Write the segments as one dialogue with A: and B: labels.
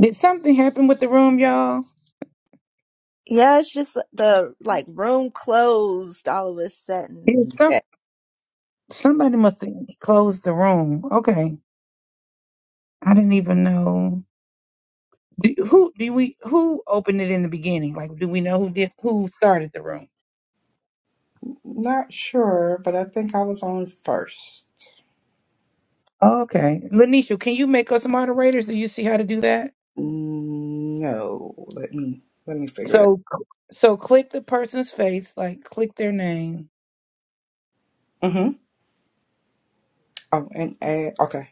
A: Did something happen with the room, y'all?
B: Yeah, it's just the like room closed all of a sudden.
A: Did some
C: Yeah,
A: somebody must have closed the room. Okay, I didn't even know. Do, who do we? Who opened it in the beginning? Like, do we know who did? Who started the room?
C: not sure, but I think I was on first.
A: Okay, Lanisha, can you make us moderators? Do you see how to do that?
C: Mm, No, let me let me figure it
A: So, so click the person's face, like click their name,
C: out. Mm-hmm. Oh, and uh, okay,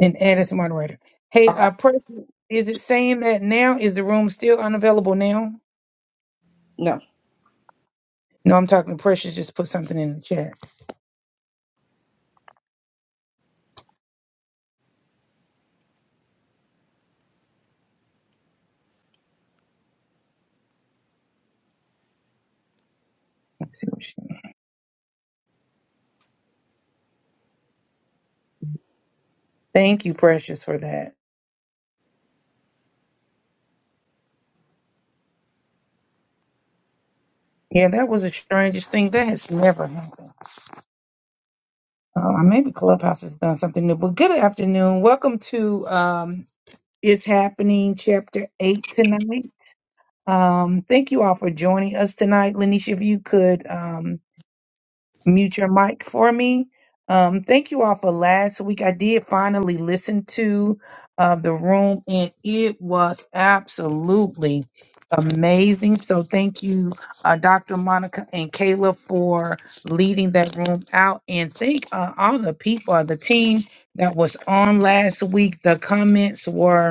A: and add as a moderator. Hey,
C: okay,
A: uh, Precious, is it saying that now? Is the room still unavailable now?
C: no.
A: No, I'm talking to Precious. Just put something in the chat. Let's see what she. Thank you, Precious, for that. Yeah, that was the strangest thing. That has never happened. Uh, maybe Clubhouse has done something new. But good afternoon. Welcome to um, It's Happening, Chapter 8 tonight. Um, thank you all for joining us tonight. Lanisha, if you could. Um, mute your mic for me. Um, thank you all for last week. I did finally listen to uh, the room, and it was absolutely amazing. So thank you, uh, Dr. Monica and Kayla, for leading that room out. And thank uh, all the people, the team that was on last week. The comments were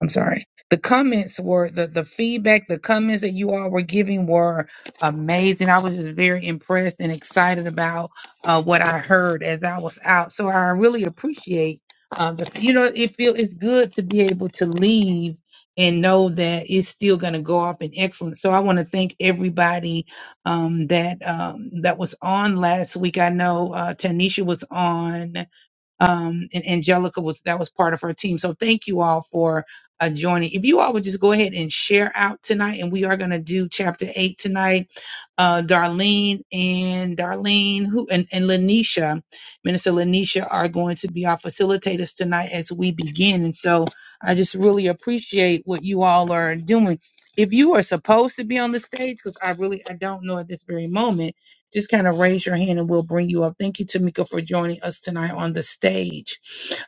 A: I'm sorry. The comments were the the feedback, the comments that you all were giving were amazing. I was just very impressed and excited about uh, what I heard as I was out. So I really appreciate. Um, the, you know, it feel it's good to be able to leave and know that it's still going to go off in excellence. So I want to thank everybody um, that um, that was on last week. I know uh, Tanisha was on um, and Angelica was that was part of her team. So thank you all for uh, joining. If you all would just go ahead and share out tonight, and we are going to do chapter eight tonight uh, Darlene and Darlene who and, and Lanisha, Minister Lanisha, are going to be our facilitators tonight as we begin. And so I just really appreciate what you all are doing. If you are supposed to be on the stage, because I really I don't know at this very moment, just kind of raise your hand and we'll bring you up. Thank you, Tamika, for joining us tonight on the stage.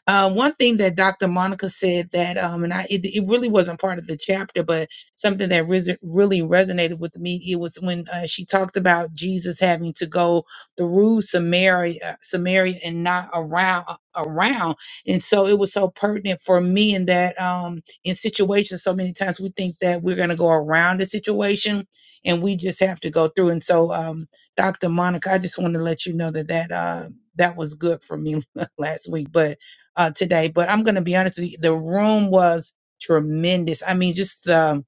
A: Uh, one thing that Dr. Monica said that, um, and I it, it really wasn't part of the chapter, but something that res- really resonated with me. It was when uh, she talked about Jesus having to go through Samaria, Samaria, and not around uh, around. And so it was so pertinent for me in that um, in situations. So many times we think that we're going to go around the situation, and we just have to go through. And so, um, Dr. Monica, I just want to let you know that that. Uh, that was good for me last week, but uh, today. But I'm going to be honest with you, the room was tremendous. I mean, just the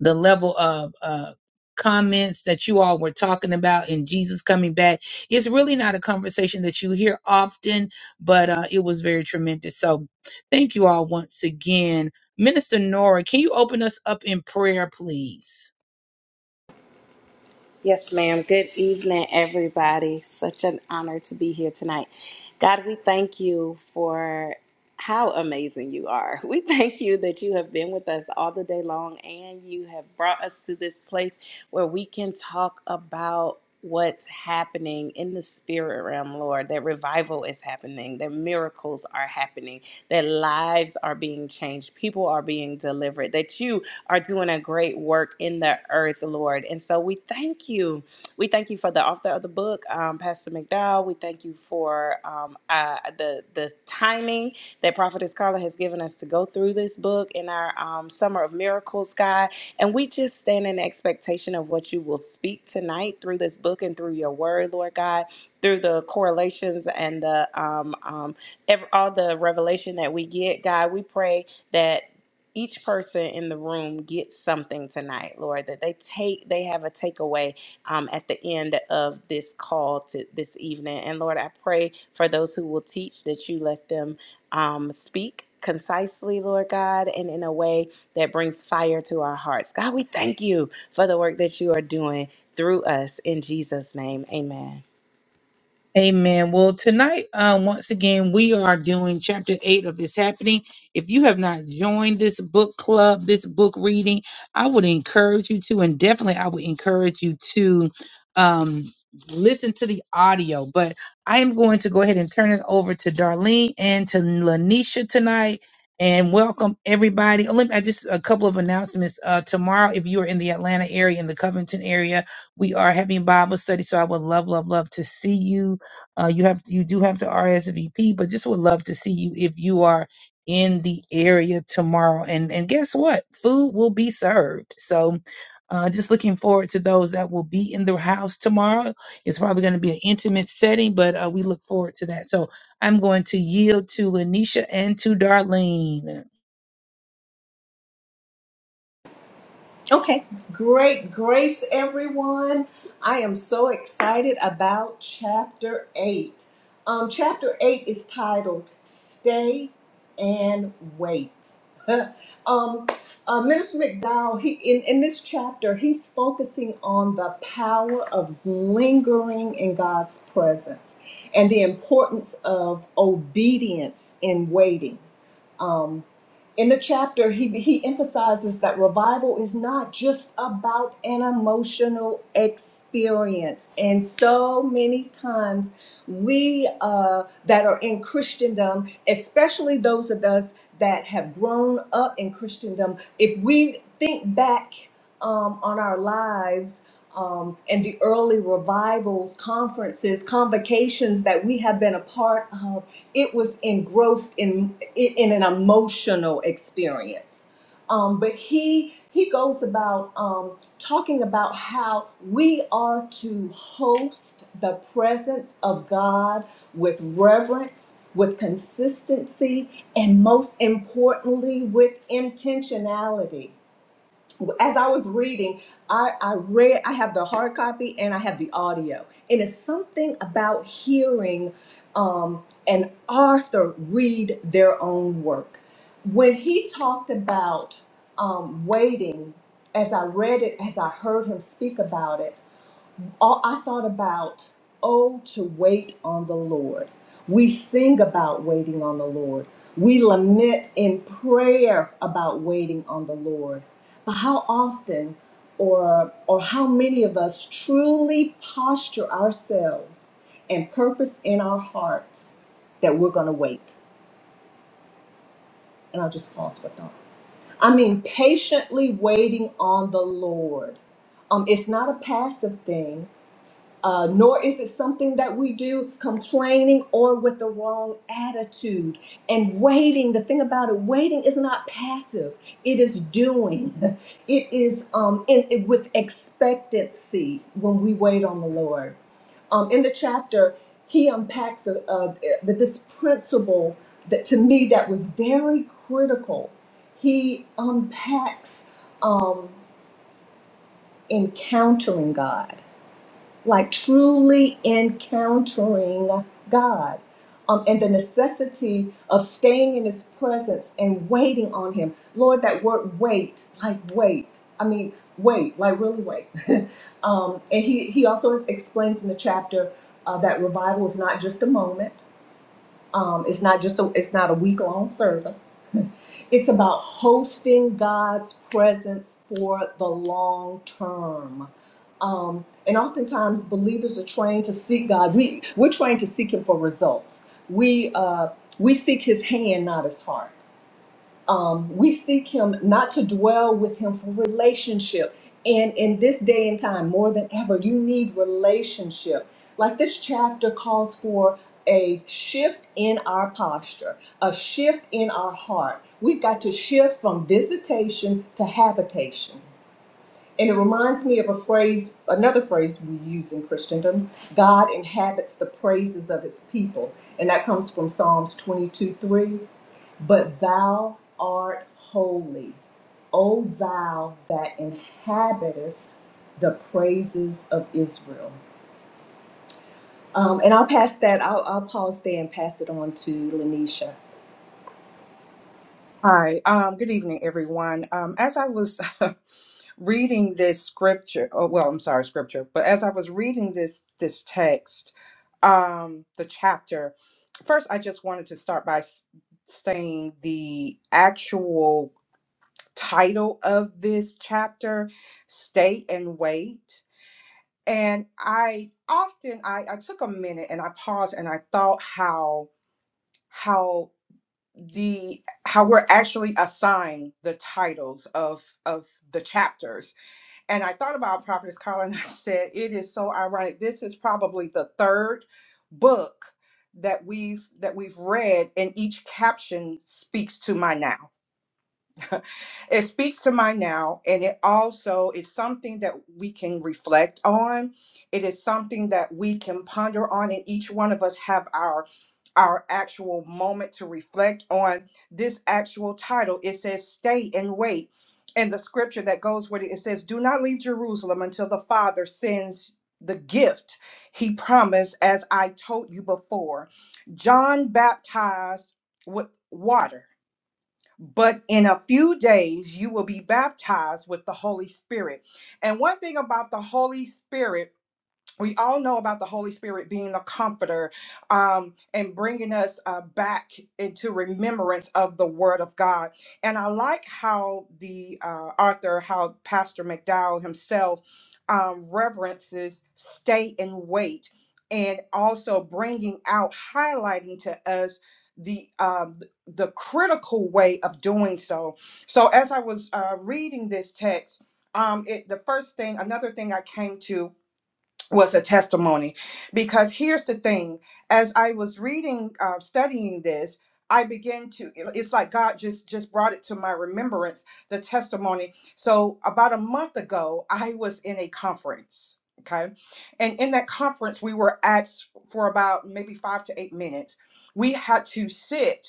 A: the level of uh, comments that you all were talking about and Jesus coming back. It's really not a conversation that you hear often, but uh, it was very tremendous. So thank you all once again. Minister Nora, can you open us up in prayer, please?
D: Yes, ma'am. Good evening, everybody. Such an honor to be here tonight. God, we thank you for how amazing you are. We thank you that you have been with us all the day long and you have brought us to this place where we can talk about what's happening in the spirit realm, Lord, that revival is happening, that miracles are happening, that lives are being changed, people are being delivered, that you are doing a great work in the earth, Lord. And so we thank you. We thank you for the author of the book, um, Pastor McDowell. We thank you for um, uh, the the timing that Prophetess Carla has given us to go through this book in our um, Summer of Miracles, God. And we just stand in expectation of what you will speak tonight through this book and through your word, Lord God, through the correlations and the um, um, ev- all the revelation that we get, God. We pray that each person in the room gets something tonight, Lord, that they take, they have a takeaway um, at the end of this call to this evening. And Lord, I pray for those who will teach that you let them um, speak concisely, Lord God, and in a way that brings fire to our hearts. God, we thank you for the work that you are doing through us in Jesus' name. Amen.
A: Amen. Well, tonight, uh, once again, we are doing chapter eight of It's Happening. If you have not joined this book club, this book reading, I would encourage you to, and definitely I would encourage you to um, listen to the audio. But I am going to go ahead and turn it over to Darlene and to Lanisha tonight. And welcome everybody. Oh, let me, I just a couple of announcements. Uh, tomorrow, if you are in the Atlanta area, in the Covington area, we are having Bible study. So I would love, love, love to see you uh, you have you do have to RSVP, but just would love to see you if you are in the area tomorrow. And and guess what? Food will be served. So uh, just looking forward to those that will be in the house tomorrow. It's probably going to be an intimate setting, but uh, we look forward to that. So I'm going to yield to Lanisha and to Darlene.
E: Okay. Great grace, everyone. I am so excited about chapter 8. Um, chapter 8 is titled Stay and Wait. um, uh, Minister McDowell, he, in, in this chapter, he's focusing on the power of lingering in God's presence and the importance of obedience in waiting. Um, in the chapter, he, he emphasizes that revival is not just about an emotional experience. And so many times, we uh, that are in Christendom, especially those of us that have grown up in Christendom, if we think back um, on our lives um, and the early revivals, conferences, convocations that we have been a part of, it was engrossed in in an emotional experience. Um, but he he goes about um, talking about how we are to host the presence of God with reverence, with consistency, and most importantly, with intentionality as I was reading, I, I read, I have the hard copy and I have the audio. And it's something about hearing um, an author read their own work. When he talked about um, waiting, as I read it, as I heard him speak about it, all I thought about, oh, to wait on the Lord. We sing about waiting on the Lord. We lament in prayer about waiting on the Lord. But how often or or how many of us truly posture ourselves and purpose in our hearts that we're going to wait? And I'll just pause for thought. I mean, patiently waiting on the Lord. Um, it's not a passive thing uh, nor is it something that we do complaining or with the wrong attitude. And waiting, the thing about it, waiting is not passive, it is doing. It is um, in, it- with expectancy when we wait on the Lord. Um, in the chapter, he unpacks uh, uh, th- this principle that to me that was very critical. He unpacks um, encountering God like truly encountering God um, and the necessity of staying in His presence and waiting on Him. Lord, that word wait, like wait. I mean, wait, like really wait. um, and he, he also explains in the chapter uh, that revival is not just a moment. Um, it's not just a, it's not a week long service. It's about hosting God's presence for the long term. Um, and oftentimes, believers are trained to seek God. We we're trained to seek Him for results. We uh, we seek His hand, not His heart um, we seek him not to dwell with him for relationship and in this day and time more than ever you need relationship like this chapter calls for a shift in our posture a shift in our heart we've got to shift from visitation to habitation and it reminds me of a phrase, another phrase we use in Christendom God inhabits the praises of his people. And that comes from Psalms 22 3. But thou art holy, O thou that inhabitest the praises of Israel. Um, and I'll pass that, I'll, I'll pause there and pass it on to Lanisha.
C: Hi, um, good evening, everyone. Um, as I was reading this scripture, oh, well, I'm sorry, scripture, but as I was reading this this text, um, the chapter, first I just wanted to start by s- saying the actual title of this chapter stay and wait and i often i, I took a minute and i paused and i thought how how the how we're actually assigned the titles of of the chapters and i thought about prophetess Carla and i said it is so ironic this is probably the third book that we've that we've read and each caption speaks to my now it speaks to my now and it also is something that we can reflect on it is something that we can ponder on and each one of us have our our actual moment to reflect on this actual title it says stay and wait and the scripture that goes with it it says do not leave jerusalem until the father sends the gift he promised as i told you before john baptized with water but in a few days you will be baptized with the Holy Spirit. And one thing about the Holy Spirit we all know about the Holy Spirit being the comforter um, and bringing us uh, back into remembrance of the Word of God. And I like how the uh, author, how Pastor McDowell himself um, reverences stay and wait, and also bringing out, highlighting to us the um, the critical way of doing so. So as I was uh, reading this text, um, it the first thing, another thing I came to was a testimony because here's the thing as i was reading uh, studying this i began to it's like god just just brought it to my remembrance the testimony so about a month ago i was in a conference okay and in that conference we were asked for about maybe five to eight minutes we had to sit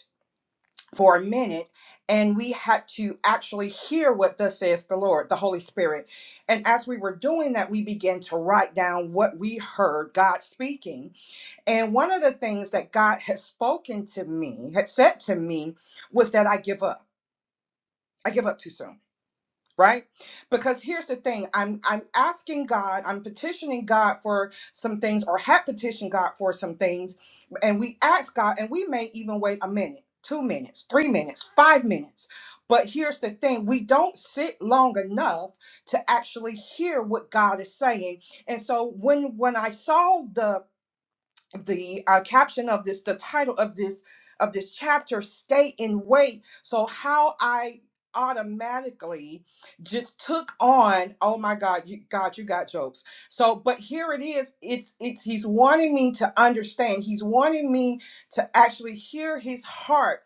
C: for a minute and we had to actually hear what thus says the lord the holy spirit and as we were doing that we began to write down what we heard god speaking and one of the things that god had spoken to me had said to me was that i give up i give up too soon right because here's the thing i'm i'm asking god i'm petitioning god for some things or have petitioned god for some things and we ask god and we may even wait a minute two minutes three minutes five minutes but here's the thing we don't sit long enough to actually hear what god is saying and so when when i saw the the uh, caption of this the title of this of this chapter stay in wait so how i automatically just took on oh my god you god you got jokes so but here it is it's it's he's wanting me to understand he's wanting me to actually hear his heart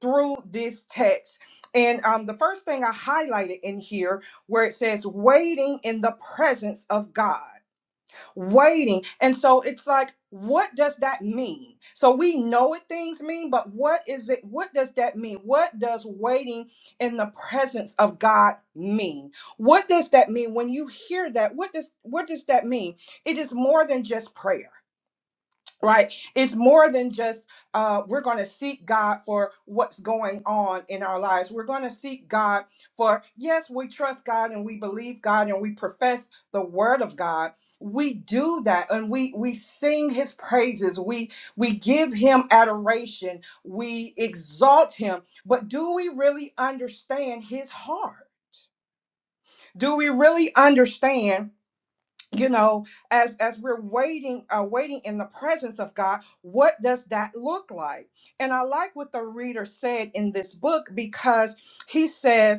C: through this text and um, the first thing i highlighted in here where it says waiting in the presence of god waiting. And so it's like, what does that mean? So we know what things mean, but what is it? What does that mean? What does waiting in the presence of God mean? What does that mean when you hear that? What does what does that mean? It is more than just prayer right it's more than just uh we're going to seek god for what's going on in our lives we're going to seek god for yes we trust god and we believe god and we profess the word of god we do that and we we sing his praises we we give him adoration we exalt him but do we really understand his heart do we really understand you know as as we're waiting uh waiting in the presence of god what does that look like and i like what the reader said in this book because he says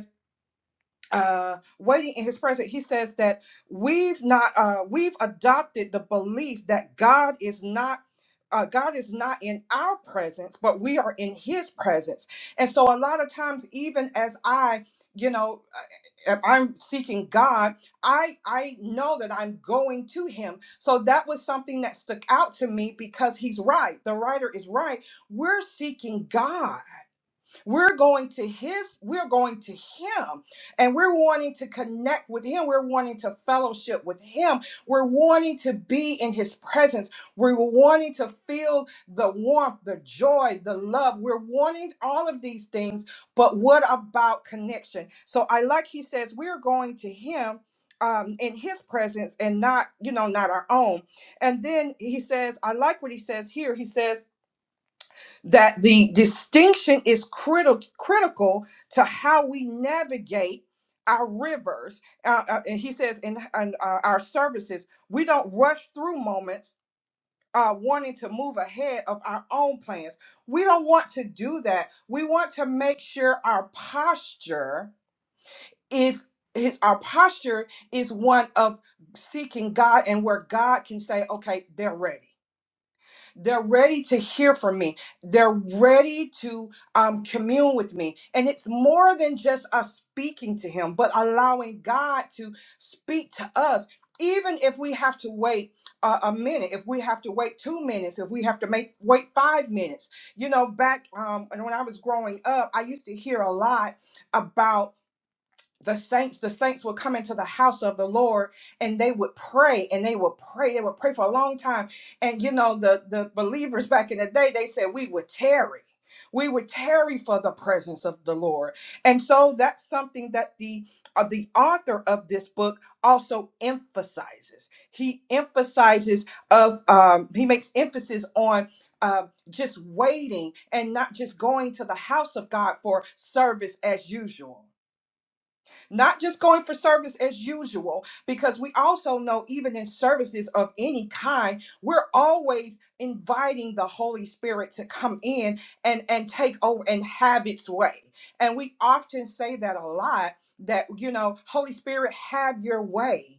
C: uh, waiting in his presence, he says that we've not uh, we've adopted the belief that God is not uh, God is not in our presence, but we are in His presence. And so, a lot of times, even as I, you know, uh, if I'm seeking God, I I know that I'm going to Him. So that was something that stuck out to me because He's right. The writer is right. We're seeking God we're going to his, we're going to him, and we're wanting to connect with him. We're wanting to fellowship with him. We're wanting to be in his presence. We're wanting to feel the warmth, the joy, the love. We're wanting all of these things, but what about connection? So I like he says, we're going to him um in his presence and not you know not our own and then he says i like what he says here he says that the distinction is critical critical to how we navigate our rivers uh, uh, and he says in, in, uh, our services we don't rush through moments uh, wanting to move ahead of our own plans we don't want to do that we want to make sure our posture is is our posture is one of seeking god and where god can say okay they're ready they're ready to hear from me. They're ready to um, commune with me. And it's more than just us speaking to Him, but allowing God to speak to us, even if we have to wait a, a minute, if we have to wait two minutes, if we have to make wait five minutes. You know, back um, when I was growing up, I used to hear a lot about the saints the saints would come into the house of the lord and they would pray and they would pray they would pray for a long time and you know the the believers back in the day they said we would tarry we would tarry for the presence of the lord and so that's something that the uh, the author of this book also emphasizes he emphasizes of um he makes emphasis on uh, just waiting and not just going to the house of god for service as usual not just going for service as usual, because we also know, even in services of any kind, we're always inviting the Holy Spirit to come in and, and take over and have its way. And we often say that a lot that, you know, Holy Spirit, have your way.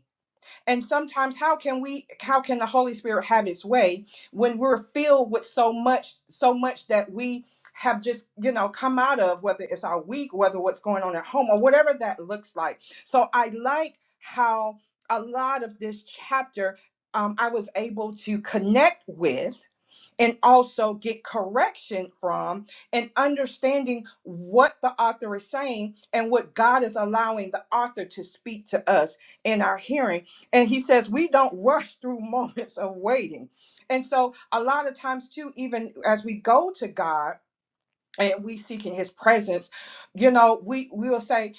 C: And sometimes how can we how can the Holy Spirit have its way when we're filled with so much so much that we have just you know come out of whether it's our week whether what's going on at home or whatever that looks like so i like how a lot of this chapter um, i was able to connect with and also get correction from and understanding what the author is saying and what God is allowing the author to speak to us in our hearing. And he says, we don't rush through moments of waiting. And so, a lot of times, too, even as we go to God and we seeking his presence, you know, we, we will say,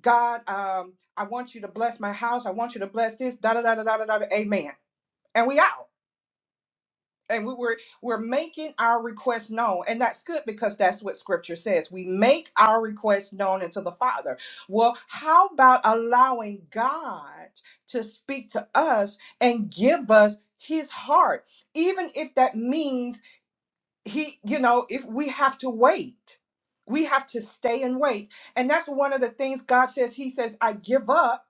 C: God, um, I want you to bless my house. I want you to bless this, da da da da da da, da, amen. And we out and we were we're making our request known and that's good because that's what scripture says we make our request known unto the father well how about allowing god to speak to us and give us his heart even if that means he you know if we have to wait we have to stay and wait and that's one of the things god says he says i give up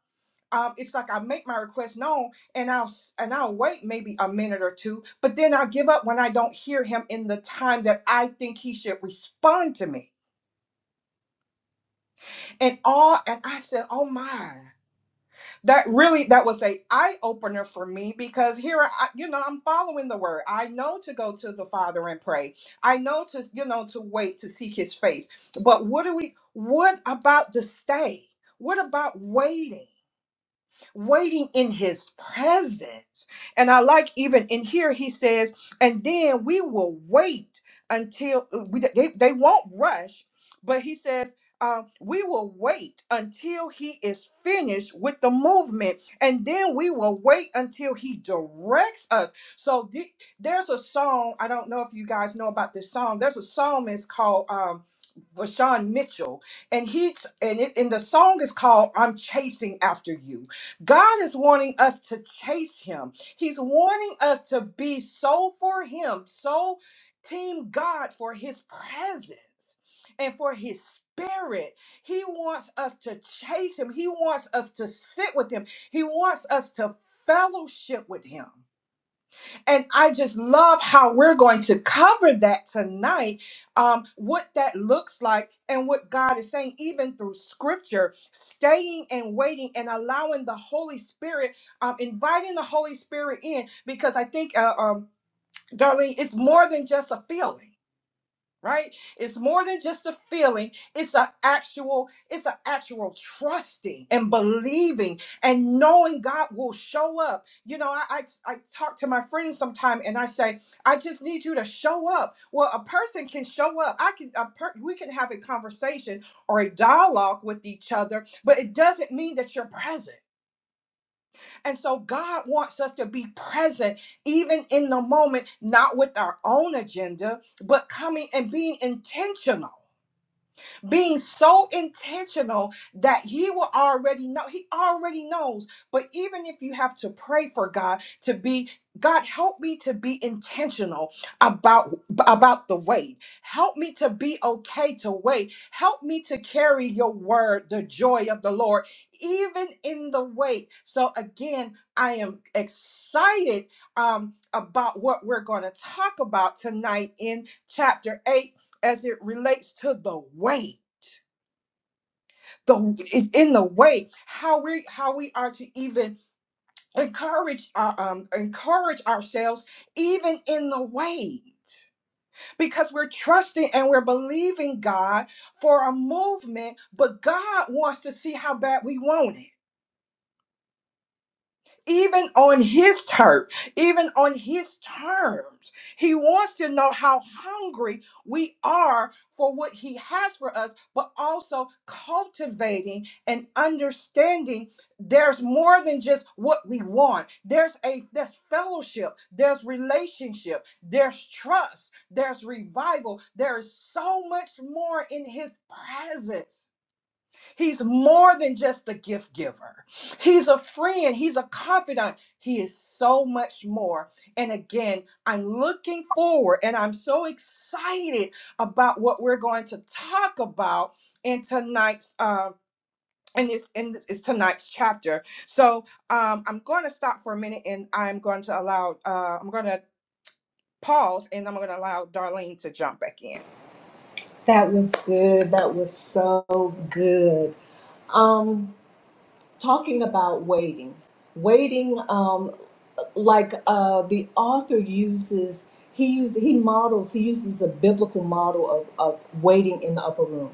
C: um, it's like I make my request known and I'll s- and I'll wait maybe a minute or two, but then i give up when I don't hear him in the time that I think he should respond to me. And all and I said, "Oh my." That really that was a eye opener for me because here I you know I'm following the word. I know to go to the Father and pray. I know to you know to wait to seek his face. But what do we what about the stay? What about waiting? waiting in his presence. And I like even in here, he says, and then we will wait until uh, we, they, they won't rush, but he says, uh, we will wait until he is finished with the movement, and then we will wait until he directs us. So the- there's a song, I don't know if you guys know about this song. There's a song called um, Vashawn Mitchell, and he's and it and the song is called "I'm Chasing After You." God is wanting us to chase him. He's wanting us to be so for him, so team God for his presence and for his spirit. He wants us to chase him. He wants us to sit with him. He wants us to fellowship with him. And I just love how we're going to cover that tonight, um, what that looks like, and what God is saying, even through scripture, staying and waiting and allowing the Holy Spirit, um, inviting the Holy Spirit in, because I think, uh, um, Darlene, it's more than just a feeling right it's more than just a feeling it's an actual it's an actual trusting and believing and knowing god will show up you know I, I i talk to my friends sometime and i say i just need you to show up well a person can show up i can a per, we can have a conversation or a dialogue with each other but it doesn't mean that you're present and so god wants us to be present even in the moment not with our own agenda but coming and being intentional being so intentional that he will already know he already knows but even if you have to pray for god to be god help me to be intentional about about the weight help me to be okay to wait help me to carry your word the joy of the lord even in the wait. so again i am excited um about what we're going to talk about tonight in chapter 8 as it relates to the wait the in the way how we how we are to even encourage our um encourage ourselves even in the way because we're trusting and we're believing God for a movement but God wants to see how bad we want it even on his turf, even on his terms. He wants to know how hungry we are for what he has for us, but also cultivating and understanding there's more than just what we want. There's a there's fellowship, there's relationship, there's trust, there's revival. There is so much more in his presence. He's more than just a gift giver. He's a friend. He's a confidant. He is so much more. And again, I'm looking forward and I'm so excited about what we're going to talk about in tonight's um in this in this is tonight's chapter. So um I'm going to stop for a minute and I'm going to allow uh I'm going to pause and I'm going to allow Darlene to jump back in.
E: That was good. That was so good. Um, talking about waiting waiting um like uh the author uses he uses he models he uses a biblical model of, of waiting in the upper room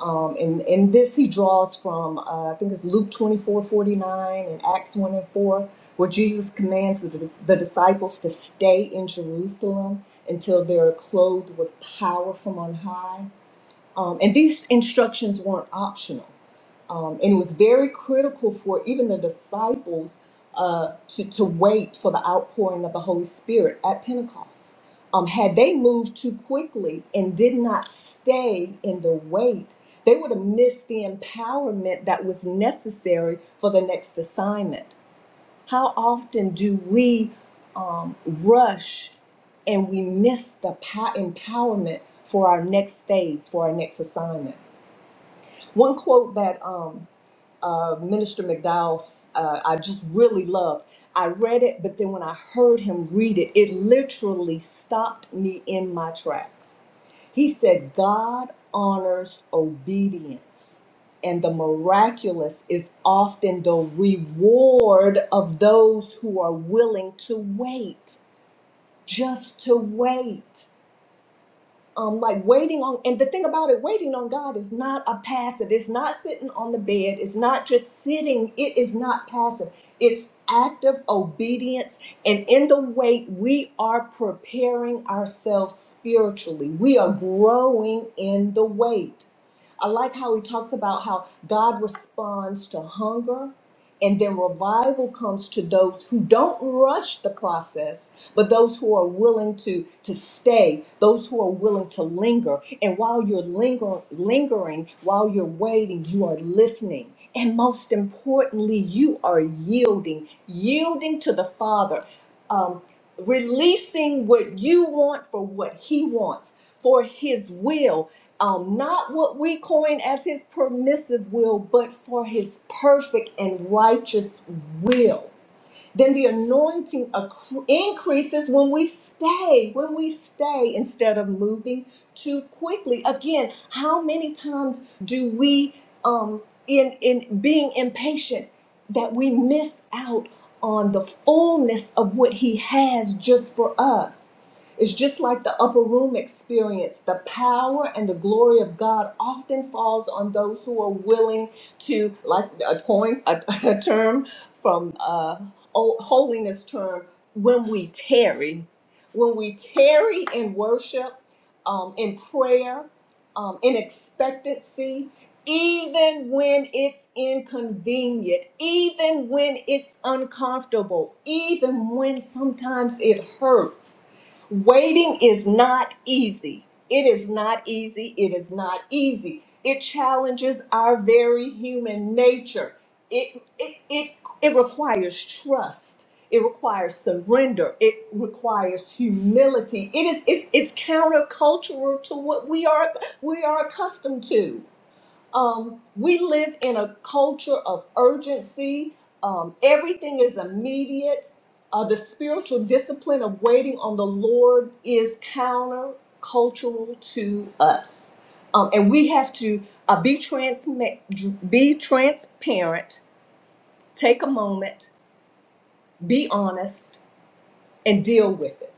E: um and and this he draws from uh, i think it's luke 24 49 and acts 1 and 4 where jesus commands the, dis- the disciples to stay in jerusalem until they're clothed with power from on high um, and these instructions weren't optional um, and it was very critical for even the disciples uh, to, to wait for the outpouring of the Holy Spirit at Pentecost. Um, had they moved too quickly and did not stay in the wait, they would have missed the empowerment that was necessary for the next assignment. How often do we um, rush and we miss the po- empowerment for our next phase, for our next assignment? One quote that um, uh, Minister McDowell's, uh, I just really loved. I read it, but then when I heard him read it, it literally stopped me in my tracks. He said, God honors obedience, and the miraculous is often the reward of those who are willing to wait, just to wait um, like waiting on and the thing about it waiting on god is not a passive it's not sitting on the bed it's not just sitting it is not passive it's active obedience and in the wait we are preparing ourselves spiritually we are growing in the wait i like how he talks about how god responds to hunger and then revival comes to those who don't rush the process, but those who are willing to, to stay, those who are willing to linger. And while you're linger, lingering, while you're waiting, you are listening. And most importantly, you are yielding, yielding to the Father. Um, releasing what you want for what he wants for his will um, not what we coin as his permissive will but for his perfect and righteous will then the anointing accru- increases when we stay, when we stay instead of moving too quickly. Again, how many times do we, um, in, in being impatient, that we miss out on the fullness of what He has just for us? It's just like the upper room experience. The power and the glory of God often falls on those who are willing to, like a coin, a, a term from uh, hol- holiness term, when we tarry, when we tarry in worship, um, in prayer, um, in expectancy, even when it's inconvenient, even when it's uncomfortable, even when sometimes it hurts. Waiting is not easy. It is not easy. It is not easy. It challenges our very human nature. It, it, it, it requires trust. It requires surrender. It requires humility. It is it's, it's countercultural to what we are we are accustomed to. Um, we live in a culture of urgency. Um, everything is immediate. Uh, the spiritual discipline of waiting on the Lord is countercultural to us, um, and we have to uh, be transma- be transparent. Take a moment, be honest, and deal with it.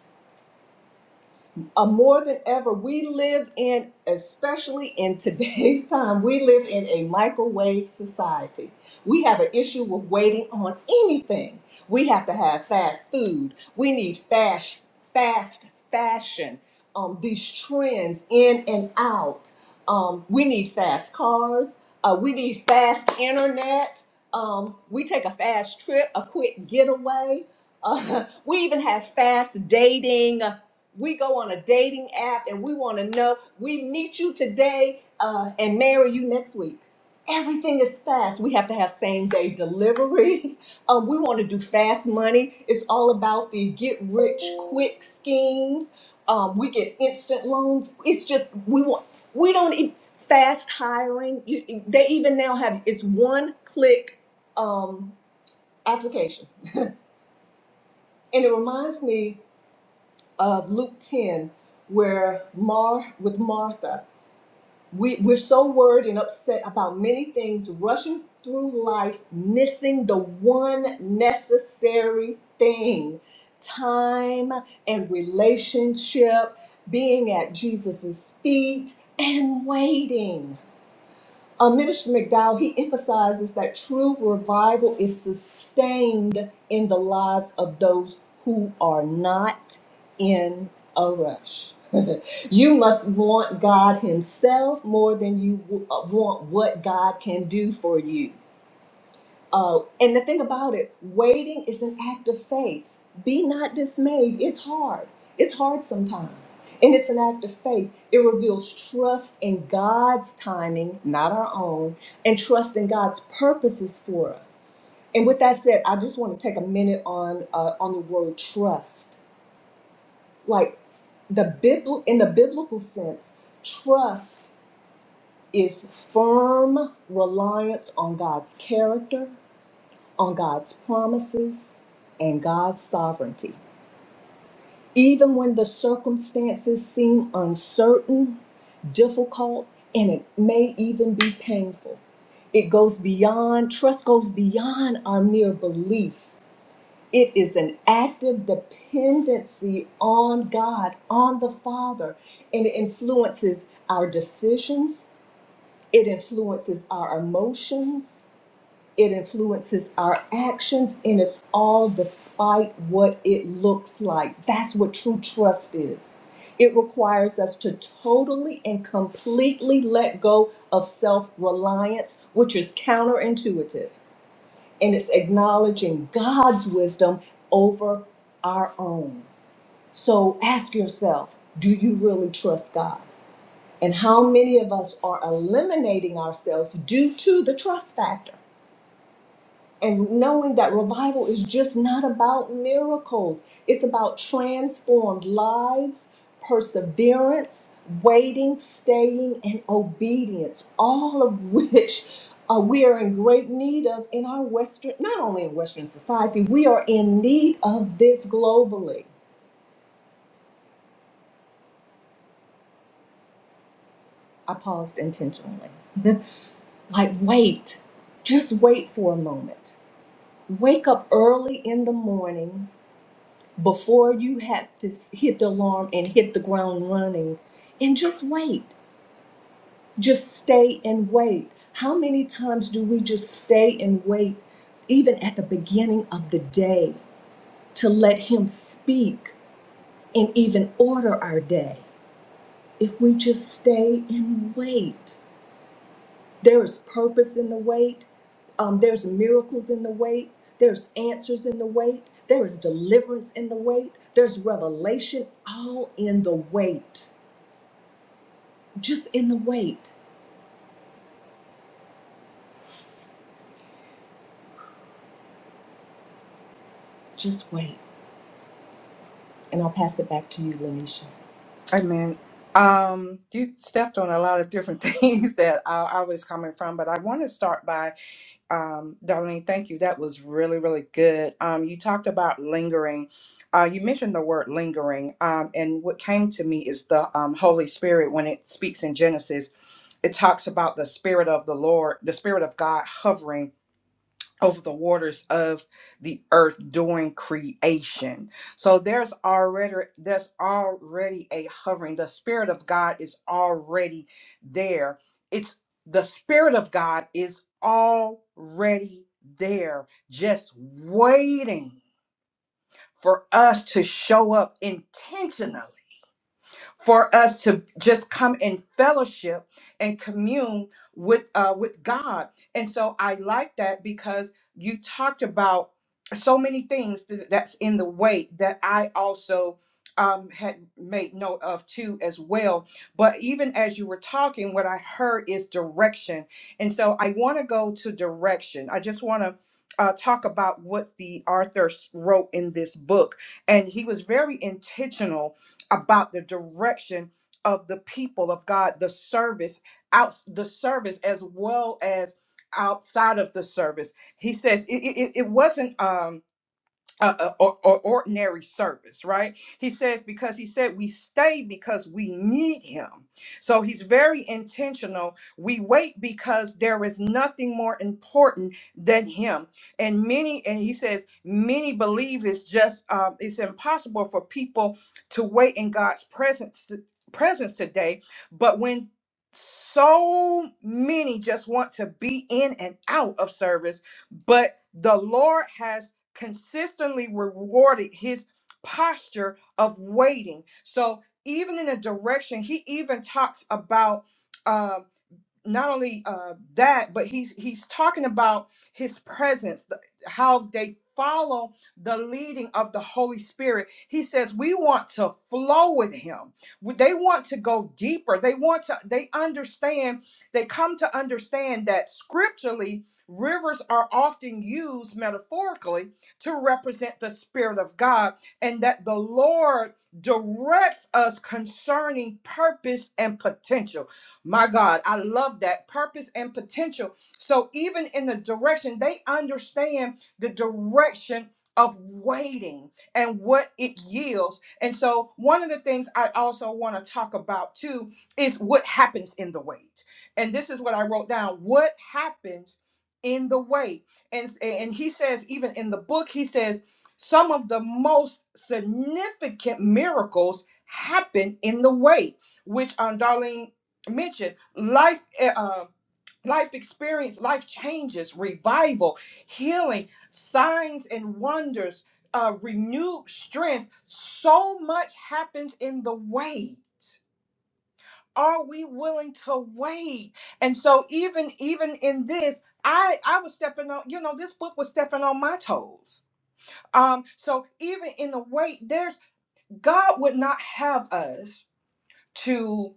E: uh, more than ever, we live in, especially in today's time, we live in a microwave society. We have an issue with waiting on anything. We have to have fast food. We need fast, fast fashion. Um, these trends in and out. Um, we need fast cars. Uh, we need fast internet. Um, we take a fast trip, a quick getaway. Uh, we even have fast dating we go on a dating app and we want to know we meet you today uh, and marry you next week everything is fast we have to have same day delivery um, we want to do fast money it's all about the get rich quick schemes um, we get instant loans it's just we want we don't e- fast hiring you, they even now have it's one click um, application and it reminds me of Luke 10 where Mar with Martha. We, we're so worried and upset about many things, rushing through life, missing the one necessary thing time and relationship, being at Jesus' feet and waiting. Uh, Minister McDowell, he emphasizes that true revival is sustained in the lives of those who are not in a rush. you must want God Himself more than you w- uh, want what God can do for you. Uh, and the thing about it, waiting is an act of faith. Be not dismayed. It's hard. It's hard sometimes. And it's an act of faith. It reveals trust in God's timing, not our own, and trust in God's purposes for us. And with that said, I just want to take a minute on uh, on the word trust. Like the Bibl- in the biblical sense, trust is firm reliance on God's character, on God's promises and God's sovereignty. Even when the circumstances seem uncertain, difficult, and it may even be painful. It goes beyond, trust goes beyond our mere belief. It is an active dependency on God, on the Father, and it influences our decisions, it influences our emotions, it influences our actions and it's all despite what it looks like. That's what true trust is. It requires us to totally and completely let go of self reliance, which is counterintuitive. And it's acknowledging God's wisdom over our own. So ask yourself do you really trust God? And how many of us are eliminating ourselves due to the trust factor? and knowing that revival is just not about miracles, it's about transformed lives, perseverance, waiting, staying, and obedience, all of which uh, we are in great need of in our Western, not only in Western society, we are in need of this globally. I paused intentionally. like, wait, just wait for a moment. Wake up early in the morning before you have to s- hit the alarm and hit the ground running and just wait just stay and wait how many times do we just stay and wait even at the beginning of the day to let him speak and even order our day if we just stay and wait There is purpose in the wait. Um, there's miracles in the wait. There's answers in the wait. There is deliverance in the wait. There's revelation all in the wait. Just in the wait. Just wait. And I'll pass it back to you, Lanisha.
C: Amen. Um, you stepped on a lot of different things that I, I was coming from, but I want to start by um, Darlene, thank you. That was really, really good. Um, you talked about lingering. Uh, you mentioned the word lingering, um, and what came to me is the um, Holy Spirit. When it speaks in Genesis, it talks about the Spirit of the Lord, the Spirit of God hovering over the waters of the earth during creation. So there's already there's already a hovering. The spirit of God is already there. It's the spirit of God is already there just waiting for us to show up intentionally for us to just come in fellowship and commune with uh, with God. And so I like that because you talked about so many things th- that's in the way that I also um, had made note of too as well. But even as you were talking, what I heard is direction. And so I want to go to direction. I just want to uh, talk about what the author s- wrote in this book. And he was very intentional about the direction of the people of God, the service out the service as well as outside of the service. He says it, it, it wasn't. Um, uh, uh, or, or ordinary service, right? He says, because he said we stay because we need him. So he's very intentional. We wait because there is nothing more important than him. And many, and he says, many believe it's just, um, it's impossible for people to wait in God's presence, presence today. But when so many just want to be in and out of service, but the Lord has consistently rewarded his posture of waiting. So even in a direction, he even talks about. um not only uh, that, but he's he's talking about his presence, the, how they follow the leading of the Holy Spirit. He says we want to flow with Him. W- They want to go deeper. They want to. They understand. They come to understand that scripturally. Rivers are often used metaphorically to represent the Spirit of God, and that the Lord directs us concerning purpose and potential my God, I love that purpose and potential. So even in the direction, they understand the direction of waiting and what it yields. And so one of the things I also want to talk about too is what happens in the wait. And this is what I wrote down. What happens in the wait? And and he says even in the book he says some of the most significant miracles happen in the wait, which um, Darlene mentioned life eh, uh, life experience life changes revival healing signs and wonders uh, renewed strength so much happens in the wait are we willing to wait and so even even in this i i was stepping on you know this book was stepping on my toes um so even in the wait there's god would not have us to.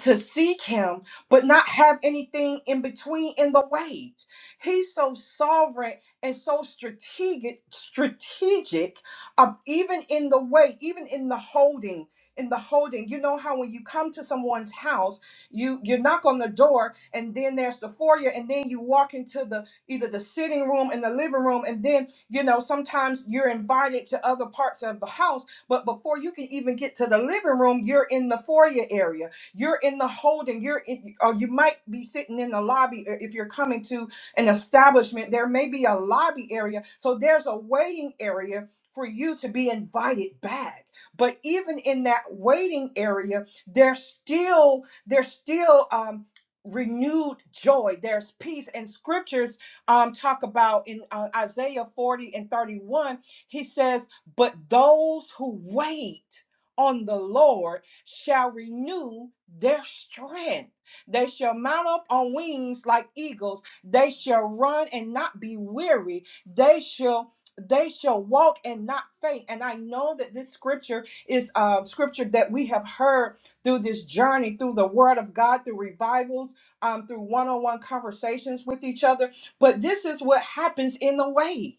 C: to seek him but not have anything in between in the way. He's so sovereign and so strategic strategic of even in the way, even in the holding in the holding you know how when you come to someone's house you you knock on the door and then there's the foyer and then you walk into the either the sitting room and the living room and then you know sometimes you're invited to other parts of the house but before you can even get to the living room you're in the foyer area you're in the holding. You're in, or you might be sitting in the lobby uh, if you're coming to an establishment. There may be a lobby area. So there's a waiting area for you to be invited back. But even in that waiting area, there's still there's still um renewed joy there's peace and scriptures um talk about in uh, isaiah 40 and 31 he says but those who wait on the lord shall renew their strength. They shall mount up on wings like eagles. They shall run and not be weary. They shall they shall walk and not faint. And I know that this scripture is um, scripture that we have heard through this journey, through the word of God, through revivals, um, through one-on-one conversations with each other. But this is what happens in the way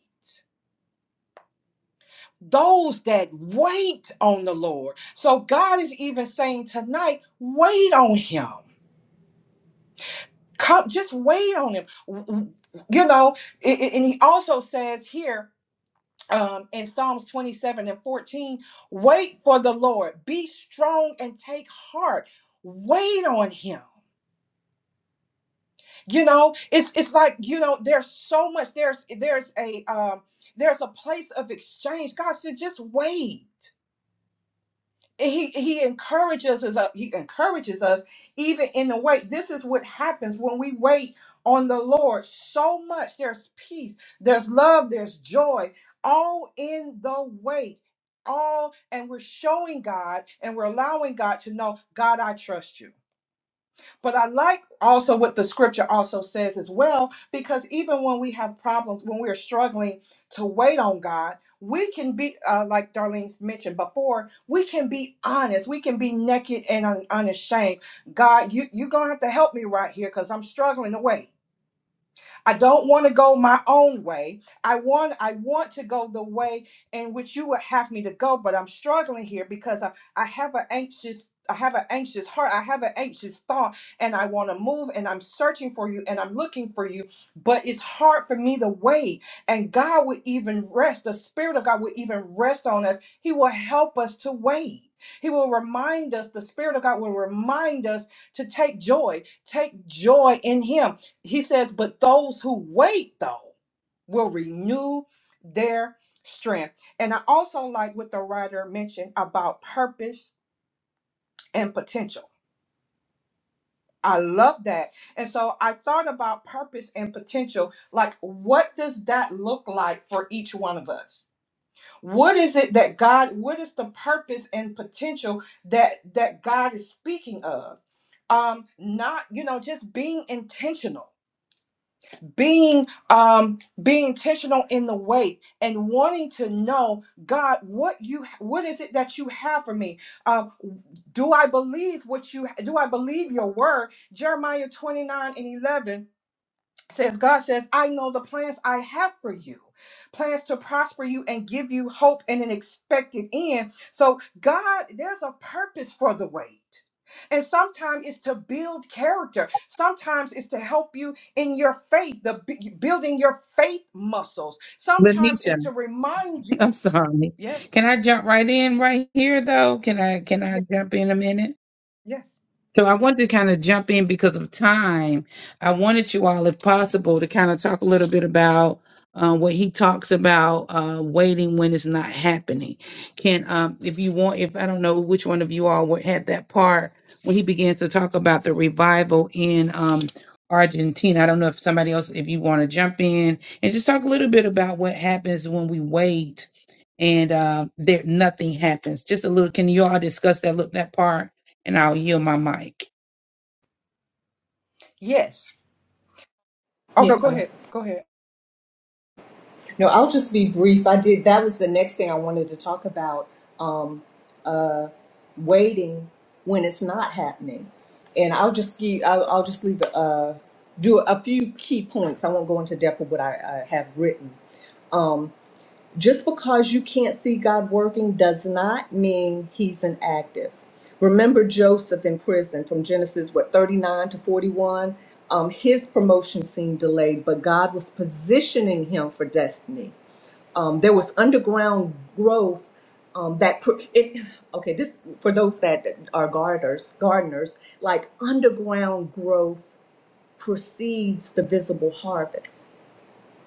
C: those that wait on the Lord. So God is even saying tonight, wait on him. Come, just wait on him. W- w- You know, i- i- and he also says here um, in Psalms 27 and 14, wait for the Lord, be strong and take heart. Wait on him. You know, it's it's like, you know, there's so much, there's there's a um there's a place of exchange. God said, just wait And he he encourages us uh, he encourages us even in the wait this is what happens when we wait on the lord so much there's peace there's love there's joy all in the wait all and we're showing god and we're allowing god to know god i trust you but I like also what the scripture also says as well, because even when we have problems, when we're struggling to wait on God, we can be, uh, like Darlene's mentioned before, we can be honest. We can be naked and un- unashamed. God, you, you're going to have to help me right here because I'm struggling to wait. I don't want to go my own way. I want I want to go the way in which you would have me to go, but I'm struggling here because I, I have an anxious I have an anxious heart. I have an anxious thought and I want to move and I'm searching for you and I'm looking for you, but it's hard for me to wait. And God will even rest, the Spirit of God will even rest on us. He will help us to wait. He will remind us, the Spirit of God will remind us to take joy, take joy in Him he says, but those who wait, though, will renew their strength. And I also like what the writer mentioned about purpose and potential. I love that. And so I thought about purpose and potential. Like, what does that look like for each one of us? What is it that God, what is the purpose and potential that that God is speaking of? Um, not, you know, just being intentional being um being intentional in the wait and wanting to know god what you what is it that you have for me um do i believe what you do i believe your word jeremiah 29 and 11 says God says, I know the plans I have for you, plans to prosper you and give you hope and an expected end. So, God, there's a purpose for the wait. And sometimes it's to build character. Sometimes it's to help you in your faith, the b- building your faith muscles. Sometimes it's
A: Lanisha,
C: to remind you.
A: I'm sorry.
C: Yes,
A: Can I jump right in right here though? Can I can I
C: yes,
A: jump in a minute?
C: yes,
A: So I wanted to kind of jump in because of time. I wanted you all, if possible, to kind of talk a little bit about uh, what he talks about uh, waiting when it's not happening. Can, um, if you want, if I don't know which one of you all would- had that part when he begins to talk about the revival in um, Argentina. I don't know if somebody else, if you want to jump in and just talk a little bit about what happens when we wait and uh, there nothing happens. Just a little. Can you all discuss that look that part? and I'll yield my mic.
C: yes. Okay,
E: Yeah.
C: go
E: Okay.
C: ahead, go ahead.
E: No, I'll just be brief. I did. That was the next thing I wanted to talk about. Um, waiting when it's not happening, and I'll just give. I'll, I'll just leave. Uh, do a few key points. I won't go into depth of what I, I have written, Just because you can't see God working does not mean he's inactive. Remember Joseph in prison from Genesis, what, 39 to 41? Um, his promotion seemed delayed, but God was positioning him for destiny. Um, there was underground growth um, that pr- it okay this for those that are gardeners gardeners like underground growth precedes the visible harvest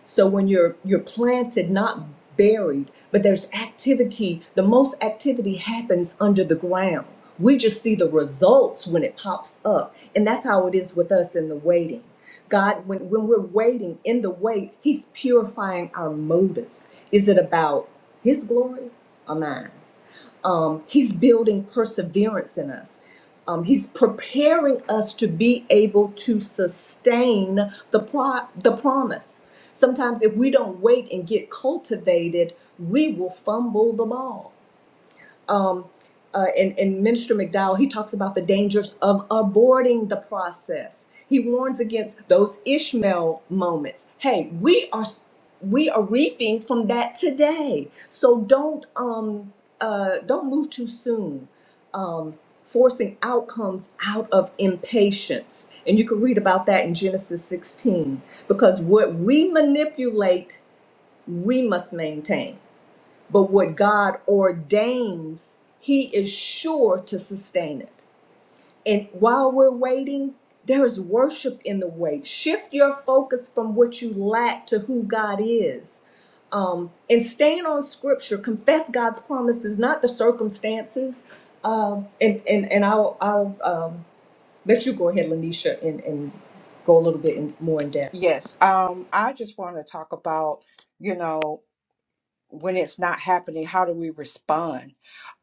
E: so when you're you're planted, not buried, but there's activity, the most activity happens under the ground. We just see the results when it pops up. And that's how it is with us in the waiting. God, when, when we're waiting in the wait, He's purifying our motives. Is it about His glory or mine? Um, he's building perseverance in us. Um, he's preparing us to be able to sustain the pro- the promise. Sometimes, if we don't wait and get cultivated, we will fumble the ball. Uh, and, and Minister McDowell, he talks about the dangers of aborting the process. He warns against those Ishmael moments. Hey, we are s- we are reaping from that today. So don't um uh, don't move too soon forcing outcomes out of impatience. And you can read about that in Genesis 16. Because what we manipulate, we must maintain. But what God ordains, He is sure to sustain it. And while we're waiting, there is worship in the wait. Shift your focus from what you lack to who God is. Um, and stand on scripture. Confess God's promises, not the circumstances. Um, and, and, and I'll, I'll um, let you go ahead, Lanisha, and, and go a little bit in, more in depth.
C: Yes. Um, I just want to talk about, you know. when it's not happening how do we respond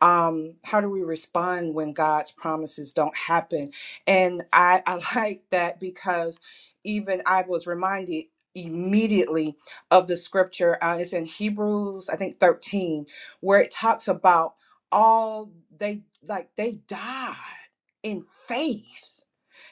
C: um how do we respond when god's promises don't happen and i i like that because even i was reminded immediately of the scripture uh, it's in hebrews i think 13 where it talks about all they like they died in faith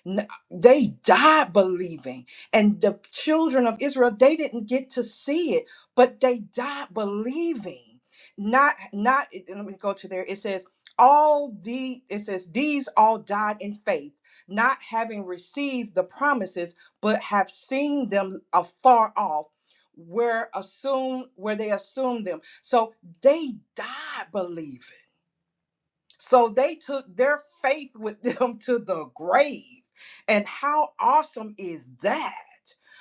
C: N- They died believing. And the children of Israel, they didn't get to see it, but they died believing. Not, not, let me go to there. It says, all the, it says, these all died in faith, not having received the promises, but have seen them afar off. Where assume where they assumed them. So they died believing. So they took their faith with them to the grave. And how awesome is that?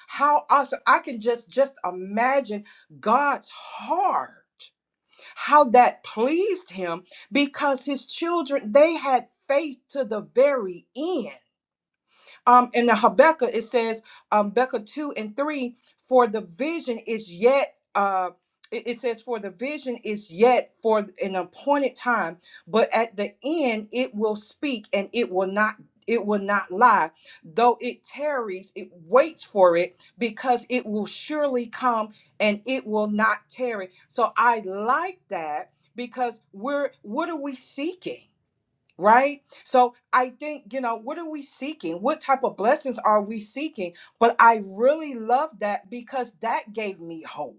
C: How awesome. I can just just imagine God's heart. How that pleased him because his children they had faith to the very end. Um, in the Habakkuk, it says, um, Becca 2 and 3, for the vision is yet, uh, it it says, for the vision is yet for an appointed time, but at the end it will speak and it will not, it will not lie. Though it tarries, it waits for it because it will surely come and it will not tarry. So I like that because we're, what are we seeking? right? So I think, you know, what are we seeking? What type of blessings are we seeking? But I really love that because that gave me hope.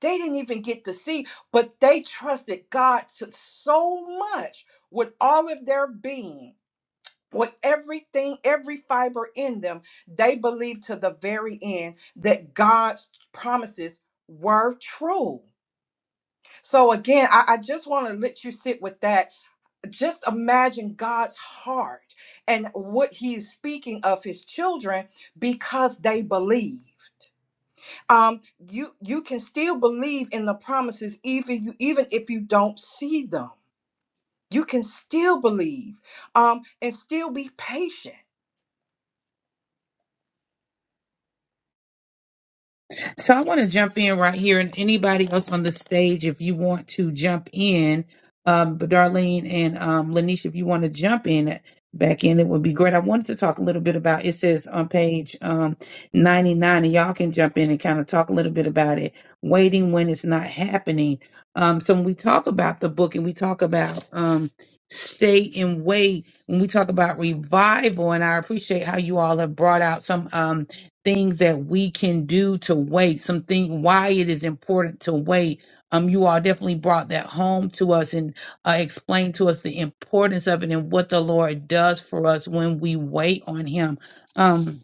C: They didn't even get to see, but they trusted God to so much with all of their being. With everything, every fiber in them, they believed to the very end that God's promises were true. So, again, I, I just want to let you sit with that just imagine God's heart and what He is speaking of his children because they believed. Um, you you can still believe in the promises even you even if you don't see them. You can still believe um, and still be patient.
A: So I want to jump in right here, and anybody else on the stage, if you want to jump in, um, but Darlene and um, Lanisha, if you want to jump in back in, it would be great. I wanted to talk a little bit about. It says on page um, ninety nine, and y'all can jump in and kind of talk a little bit about it. Waiting when it's not happening. Um, so when we talk about the book and we talk about um, stay and wait, when we talk about revival, and I appreciate how you all have brought out some. Um, things that we can do to wait, some thing why it is important to wait. Um, you all definitely brought that home to us and uh, explained to us the importance of it and what the Lord does for us when we wait on Him. Um,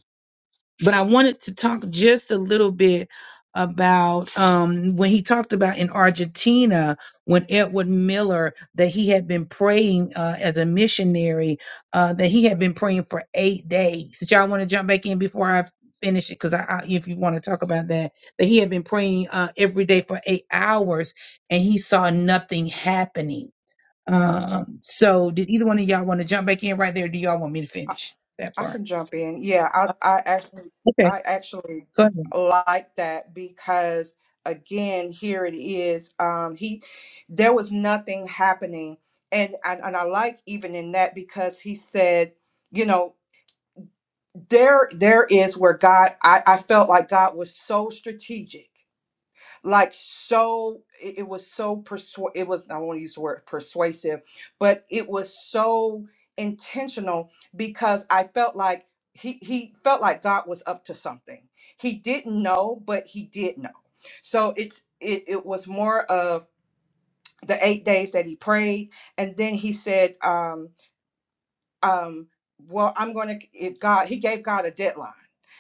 A: but I wanted to talk just a little bit about um, when he talked about in Argentina when Edward Miller that he had been praying uh, as a missionary uh, that he had been praying for eight days. Did y'all want to jump back in before I finish it? Because I, I, if you want to talk about that, that he had been praying uh, every day for eight hours and he saw nothing happening. Um, so did either one of y'all want to jump back in right there? Or do y'all want me to finish that
C: I
A: part?
C: can jump in. Yeah, I, I actually
A: Okay,
C: I actually
A: go ahead.
C: like that because again, here it is. Um, he there was nothing happening. And, and and I like even in that because he said, you know, there there is where God I, I felt like God was so strategic like so it, it was so persu- it was I don't want to use the word persuasive, but it was so intentional because I felt like he he felt like God was up to something. He didn't know, but he did know. So it's it it was more of the eight days that he prayed, and then he said, um, um well i'm going to if god he gave god a deadline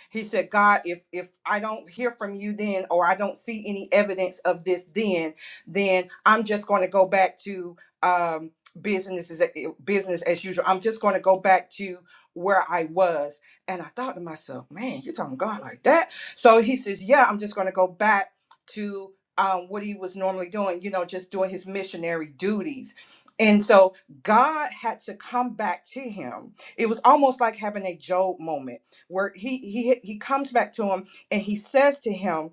C: he said god if if i don't hear from you then or i don't see any evidence of this then then i'm just going to go back to um business as eh, business as usual i'm just going to go back to where i was and i thought to myself man you're talking god like that so he says yeah i'm just going to go back to um, what he was normally doing you know just doing his missionary duties and so God had to come back to him. It was almost like having a Job moment where he he he comes back to him and he says to him,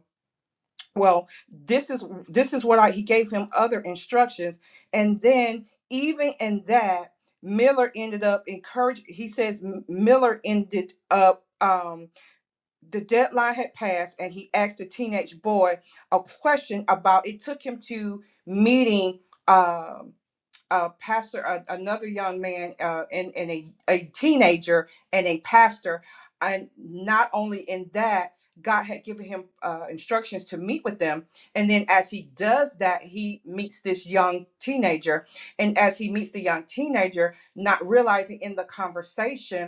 C: "Well, this is this is what I." He gave him other instructions, and then even in that, Miller ended up encouraged. He says M- Miller ended up. Um, the deadline had passed, and he asked the teenage boy a question about. It took him to meeting. Um, a pastor, a, another young man, uh, and, and a, a teenager, and a pastor. And not only in that, God had given him uh, instructions to meet with them. And then as he does that, he meets this young teenager. And as he meets the young teenager, not realizing in the conversation,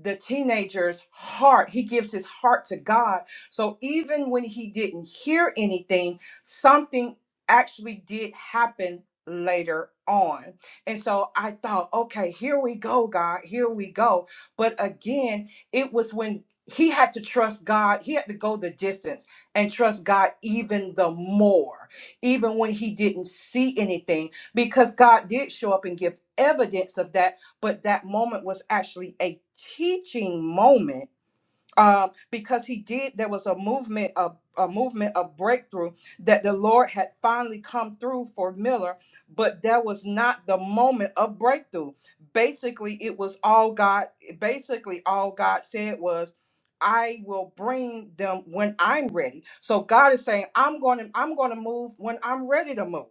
C: the teenager's heart. He gives his heart to God. So even when he didn't hear anything, something actually did happen later on. And so I thought, okay, here we go, God, here we go. But again, it was when he had to trust God, he had to go the distance and trust God even the more, even when he didn't see anything, because God did show up and give evidence of that but that moment was actually a teaching moment um, because he did. There was a movement, a, a movement of breakthrough that the Lord had finally come through for Miller, but that was not the moment of breakthrough. Basically, it was all God. Basically, all God said was. I will bring them when I'm ready. So God is saying, I'm going to I'm going to move when I'm ready to move.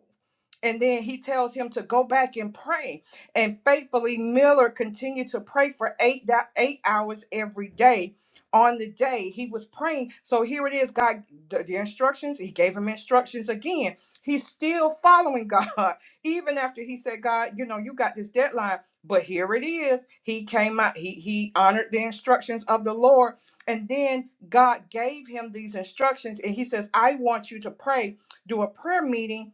C: And then he tells him to go back and pray. And faithfully Miller continued to pray for 8 da- 8 hours every day on the day he was praying. So here it is, God, the, the instructions, he gave him instructions again. He's still following God, even after he said, God, you know, you got this deadline, but here it is. He came out, he he honored the instructions of the Lord. And then God gave him these instructions, and he says, I want you to pray, do a prayer meeting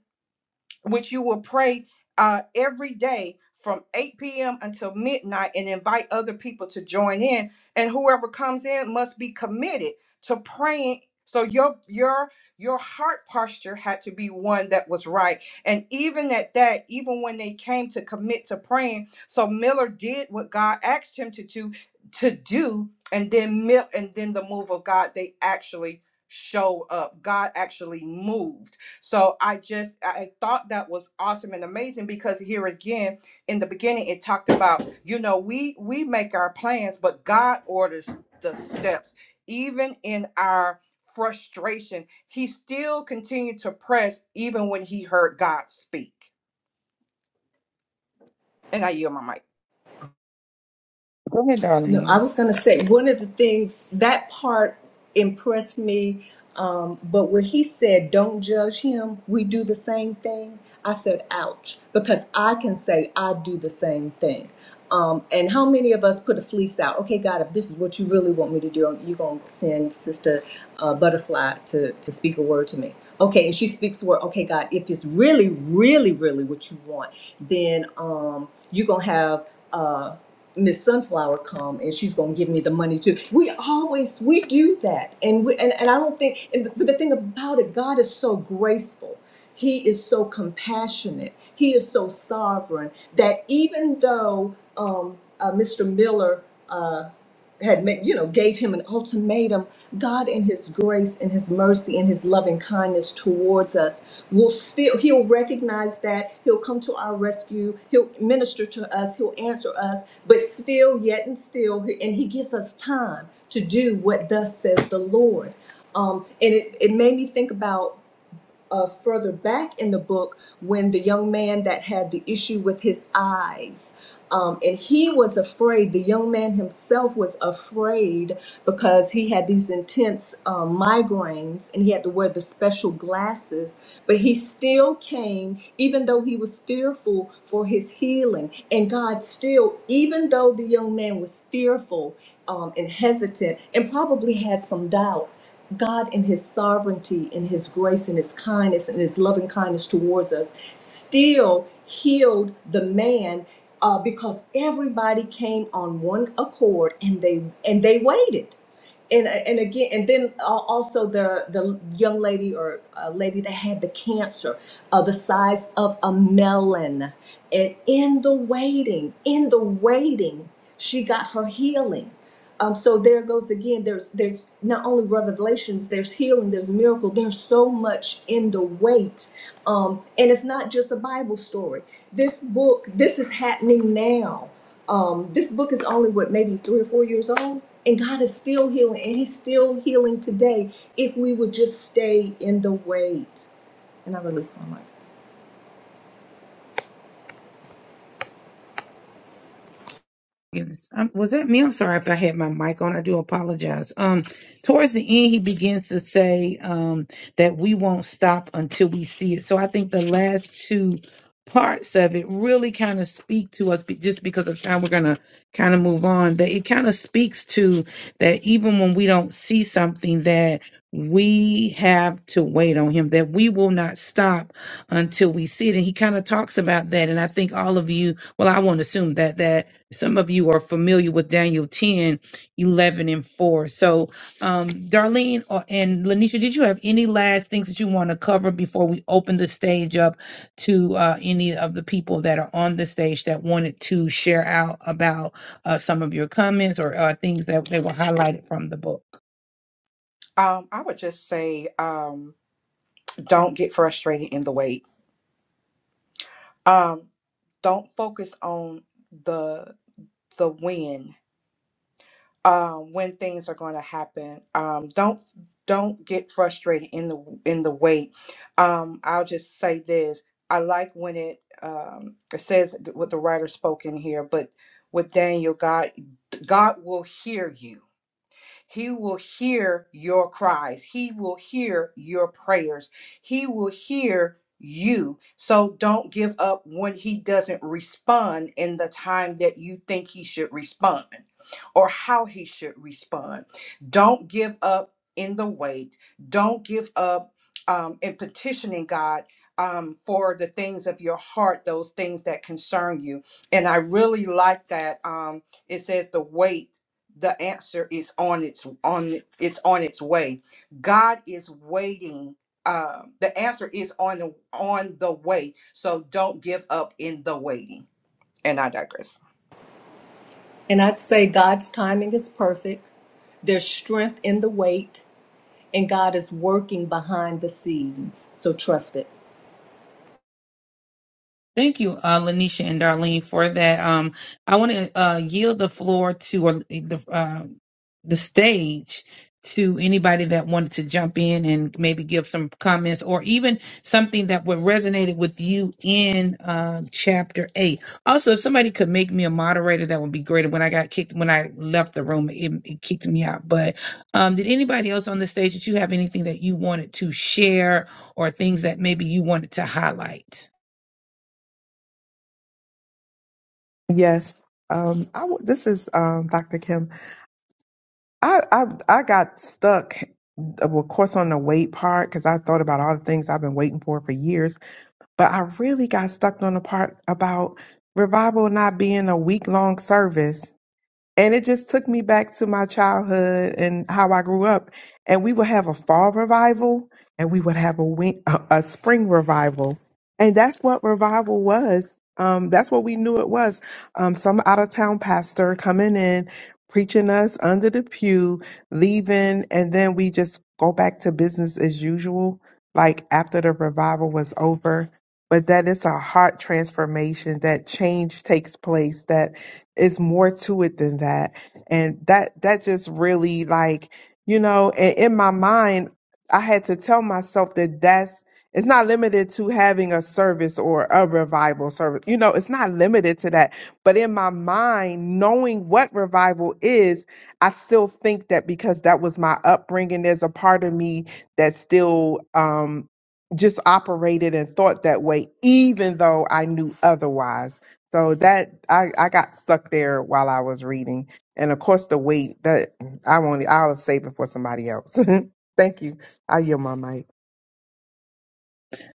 C: which you will pray uh, every day from 8 p.m. until midnight and invite other people to join in. And whoever comes in must be committed to praying. So your your your heart posture had to be one that was right. And even at that, even when they came to commit to praying, so Miller did what God asked him to do to do, and then Mill and then the move of God, they actually showed up. God actually moved. So I just I thought that was awesome and amazing because here again in the beginning it talked about you know we we make our plans but God orders the steps even in our frustration he still continued to press even when he heard God speak and I yield my mic.
A: Go ahead,
E: No, I
A: darling.
E: was going to say one of the things that part impressed me. Um, but where he said, "Don't judge him," we do the same thing. I said, "Ouch," because I can say I do the same thing. Um, and how many of us put a fleece out? Okay, God, if this is what you really want me to do, you're gonna send Sister uh, Butterfly to to speak a word to me. Okay, and she speaks a word. Okay, God, if it's really, really, really what you want, then um, you're gonna have. Uh, Miss Sunflower come and she's gonna give me the money too. We always we do that, and we and, and I don't think. And the, but the thing about it, God is so graceful. He is so compassionate. He is so sovereign that even though um, uh, Mr. Miller. uh, had made, you know, gave him an ultimatum, God in his grace and his mercy and his loving kindness towards us will still he'll recognize that, he'll come to our rescue, he'll minister to us, he'll answer us, but still yet and still and he gives us time to do what thus says the Lord. Um, and it, it made me think about uh, further back in the book when the young man that had the issue with his eyes. Um, and he was afraid, the young man himself was afraid because he had these intense um, migraines and he had to wear the special glasses. But he still came, even though he was fearful for his healing. And God still, even though the young man was fearful um, and hesitant and probably had some doubt, God, in His sovereignty, in His grace, in His kindness, in His loving kindness towards us, still healed the man uh, because everybody came on one accord and they and they waited. And, and again and then uh, also the the young lady or uh, lady that had the cancer uh, the size of a melon and in the waiting in the waiting she got her healing um, so there goes again. There's there's not only revelations, there's healing, there's miracle. There's so much in the wait, um, and it's not just a Bible story. This book, this is happening now. Um, this book is only what maybe three or four years old, and God is still healing, and He's still healing today if we would just stay in the wait. And I release my mic.
A: Yes. Um, was that me? I'm sorry if I had my mic on. I do apologize. Um, towards the end, he begins to say um, that we won't stop until we see it. So I think the last two parts of it really kind of speak to us, but just because of time, we're going to kind of move on. That it kind of speaks to that even when we don't see something, that we have to wait on him, that we will not stop until we see it. And he kind of talks about that. And I think all of you, well, I won't assume that, that some of you are familiar with Daniel 10, 11, and 4. So, um, Darlene or, and Lanisha, did you have any last things that you want to cover before we open the stage up to uh, any of the people that are on the stage that wanted to share out about uh, some of your comments or uh, things that they were highlighted from the book?
C: Um, I would just say um, don't get frustrated in the wait. Um, don't focus on the the when um, when things are going to happen. Um, don't don't get frustrated in the in the wait. Um, I'll just say this: I like when it um, it says what the writer spoke in here, but with Daniel, God God will hear you He will hear your cries. He will hear your prayers. He will hear you. So don't give up when he doesn't respond in the time that you think he should respond or how he should respond. Don't give up in the wait. Don't give up um, in petitioning God. Um, for the things of your heart, those things that concern you. And I really like that. Um, it says the wait the answer is on its on it's on its way god is waiting um the answer is on the on the way so don't give up in the waiting and i digress
E: And I'd say God's timing is perfect. There's strength in the wait. and God is working behind the scenes. So trust it.
A: Thank you, uh, Lanisha and Darlene, for that. Um, I want to uh, yield the floor to or the uh, the stage to anybody that wanted to jump in and maybe give some comments or even something that would resonated with you in uh, chapter eight. Also, if somebody could make me a moderator, that would be great. When I got kicked, when I left the room, it, it kicked me out. But um, did anybody else on the stage that you have anything that you wanted to share or things that maybe you wanted to highlight?
F: Yes. Um, I w this is um, Dr. Kim. I, I I got stuck, uh, of course, on the wait part because I thought about all the things I've been waiting for for years. But I really got stuck on the part about revival not being a week long service. And it just took me back to my childhood and how I grew up. And we would have a fall revival and we would have a, win- a, a spring revival. And that's what revival was. Um, that's what we knew it was. Um, some out of town pastor coming in, preaching us under the pew, leaving, and then we just go back to business as usual, like after the revival was over. But that is a heart transformation, that change takes place, that it's more to it than that and that that just really like you know and in my mind i had to tell myself that that's it's not limited to having a service or a revival service you know it's not limited to that but in my mind knowing what revival is i still think that because that was my upbringing there's a part of me that still um just operated and thought that way even though i knew otherwise so that I, I got stuck there while I was reading. And of course the weight that I won't I'll save it for somebody else. Thank you. I yield my mic.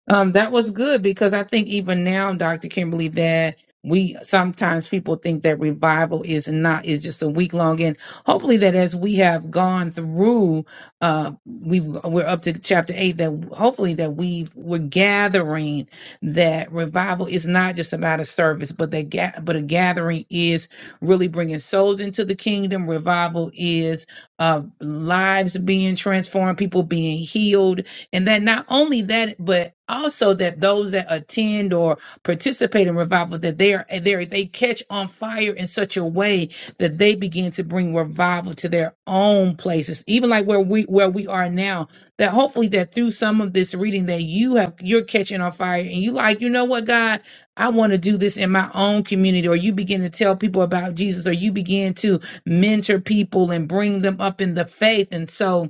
A: Um, that was good because I think even now, Dr. Kimberly, that we sometimes people think that revival is not is just a week long, and hopefully that as we have gone through, uh, we've we're up to chapter eight. That hopefully that we we're gathering that revival is not just about a service, but that ga- but a gathering is really bringing souls into the kingdom. Revival is uh, lives being transformed, people being healed and that not only that, but also that those that attend or participate in revival, that they are they they catch on fire in such a way that they begin to bring revival to their own places, even like where we where we are now. That hopefully that through some of this reading that you have you're catching on fire and you like, you know what, God, I want to do this in my own community, or you begin to tell people about Jesus, or you begin to mentor people and bring them up in the faith. And so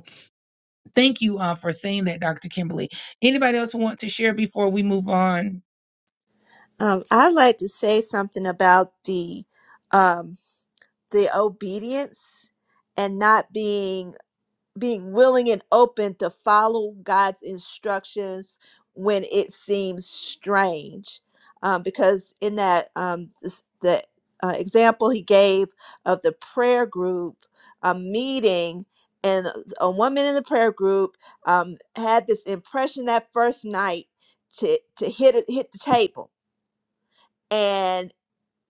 A: Thank you uh, for saying that, Dr. Kimberly. Anybody else want to share before we move on?
B: Um, I'd like to say something about the um the obedience and not being being willing and open to follow God's instructions when it seems strange. Um, because in that um, this, the uh, example he gave of the prayer group a meeting, and a woman in the prayer group um, had this impression that first night to to hit it, hit the table, and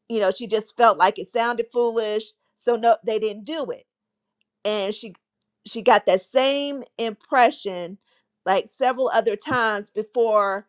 B: you know she just felt like it sounded foolish, so no, they didn't do it and she she got that same impression like several other times before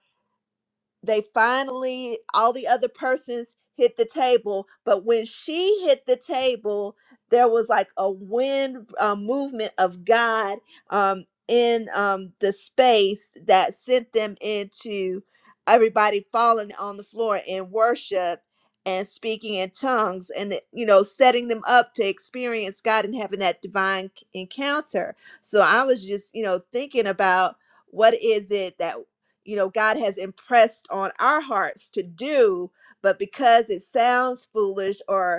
B: they finally all the other persons hit the table but when she hit the table there was like a wind uh, movement of god um, in um, the space that sent them into everybody falling on the floor in worship and speaking in tongues and it- you know setting them up to experience god and having that divine c- encounter so i was just you know thinking about what is it that you know, God has impressed on our hearts to do, but because it sounds foolish or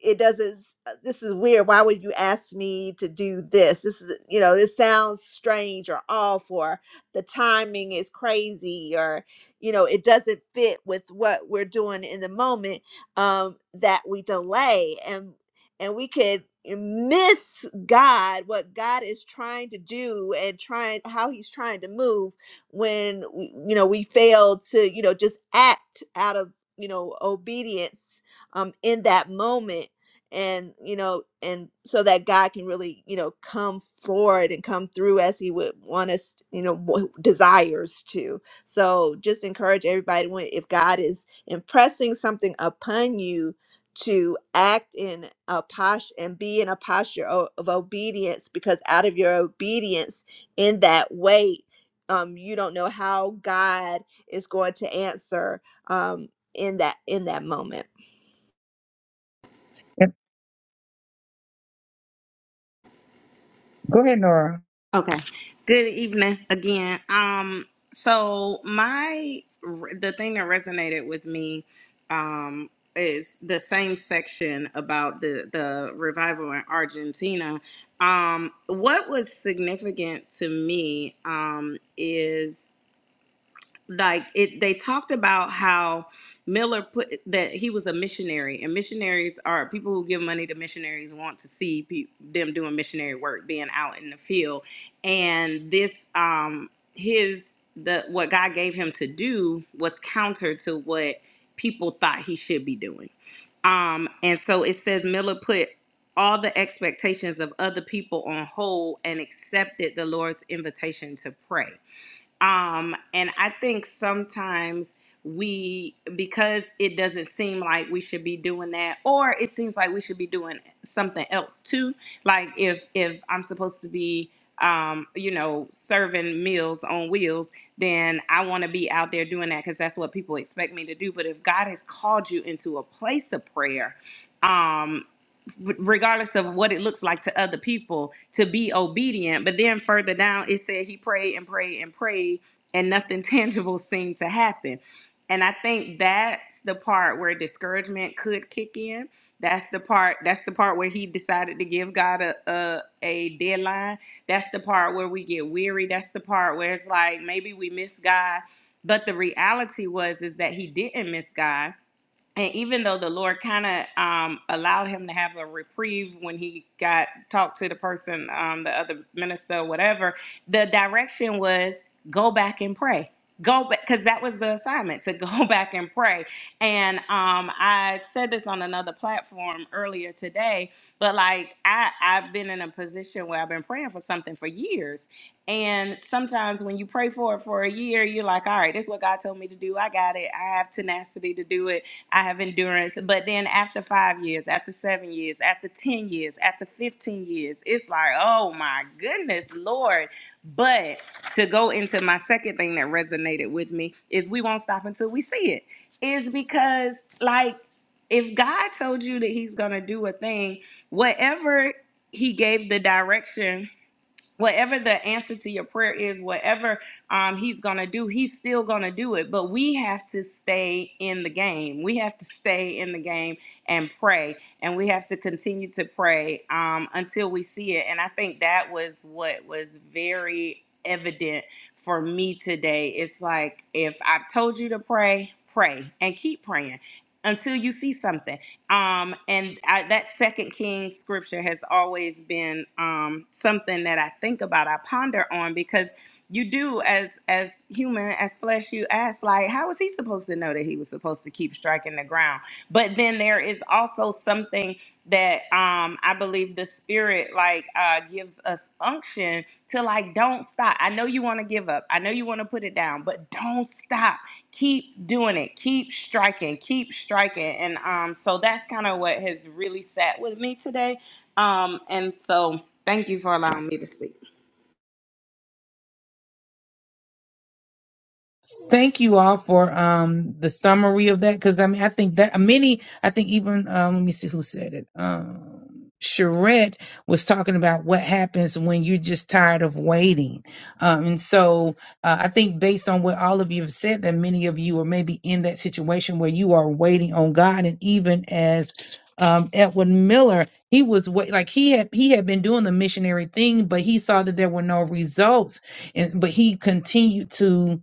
B: it doesn't s- uh, this is weird why would you ask me to do this this is you know this sounds strange or off or the timing is crazy or you know it doesn't fit with what we're doing in the moment um that we delay and and we could miss god what god is trying to do and trying how he's trying to move when w- you know we fail to you know just act out of you know obedience um in that moment and you know and so that god can really you know come forward and come through as he would want us you know w- desires to so just encourage everybody when if god is impressing something upon you to act in a posture and be in a posture o- of obedience because out of your obedience in that way um you don't know how god is going to answer um in that in that moment
A: Yep. Go ahead, Nora.
D: Okay. Good evening again. Um so my the thing that resonated with me um is the same section about the the revival in Argentina. Um what was significant to me um is like it they talked about how Miller put that he was a missionary and missionaries are people who give money to missionaries want to see pe- them doing missionary work being out in the field and this um his the what God gave him to do was counter to what people thought he should be doing um and so it says Miller put all the expectations of other people on hold and accepted the Lord's invitation to pray um, and I think sometimes we, because it doesn't seem like we should be doing that, or it seems like we should be doing something else too. Like if if I'm supposed to be, um, you know, serving meals on wheels, then I want to be out there doing that because that's what people expect me to do. But if God has called you into a place of prayer. um, regardless of what it looks like to other people to be obedient but then further down it said he prayed and prayed and prayed and nothing tangible seemed to happen and i think that's the part where discouragement could kick in that's the part that's the part where he decided to give god a, a a deadline that's the part where we get weary that's the part where it's like maybe we miss god but the reality was is that he didn't miss god and even though the Lord kind of um, allowed him to have a reprieve when he got talked to the person, um, the other minister, whatever, the direction was go back and pray. Go back because that was the assignment to go back and pray. And um, I said this on another platform earlier today, but like I, I've been in a position where I've been praying for something for years. And sometimes when you pray for it for a year, you're like, all right, this is what God told me to do. I got it. I have tenacity to do it I have endurance. But then after five years, after seven years, after 10 years, after 15 years, it's like, oh my goodness, Lord. But to go into my second thing that resonated with me is we won't stop until we see it. Is because, like, if God told you that He's going to do a thing, whatever He gave the direction whatever the answer to your prayer is whatever um, he's gonna do he's still gonna do it but we have to stay in the game we have to stay in the game and pray and we have to continue to pray um, until we see it and i think that was what was very evident for me today it's like if i've told you to pray pray and keep praying until you see something um and I, that second Kings scripture has always been um something that i think about i ponder on because you do as as human as flesh you ask like how was he supposed to know that he was supposed to keep striking the ground but then there is also something that um i believe the spirit like uh gives us unction to like don't stop i know you want to give up i know you want to put it down but don't stop keep doing it keep striking keep striking and um so that's kind of what has really sat with me today um and so thank you for allowing me to speak
A: thank you all for um the summary of that because I mean I think that many I think even um let me see who said it um Charette was talking about what happens when you're just tired of waiting um and so uh, I think based on what all of you have said that many of you are maybe in that situation where you are waiting on God and even as um, Edwin Miller, he was wait, like he had he had been doing the missionary thing, but he saw that there were no results, and but he continued to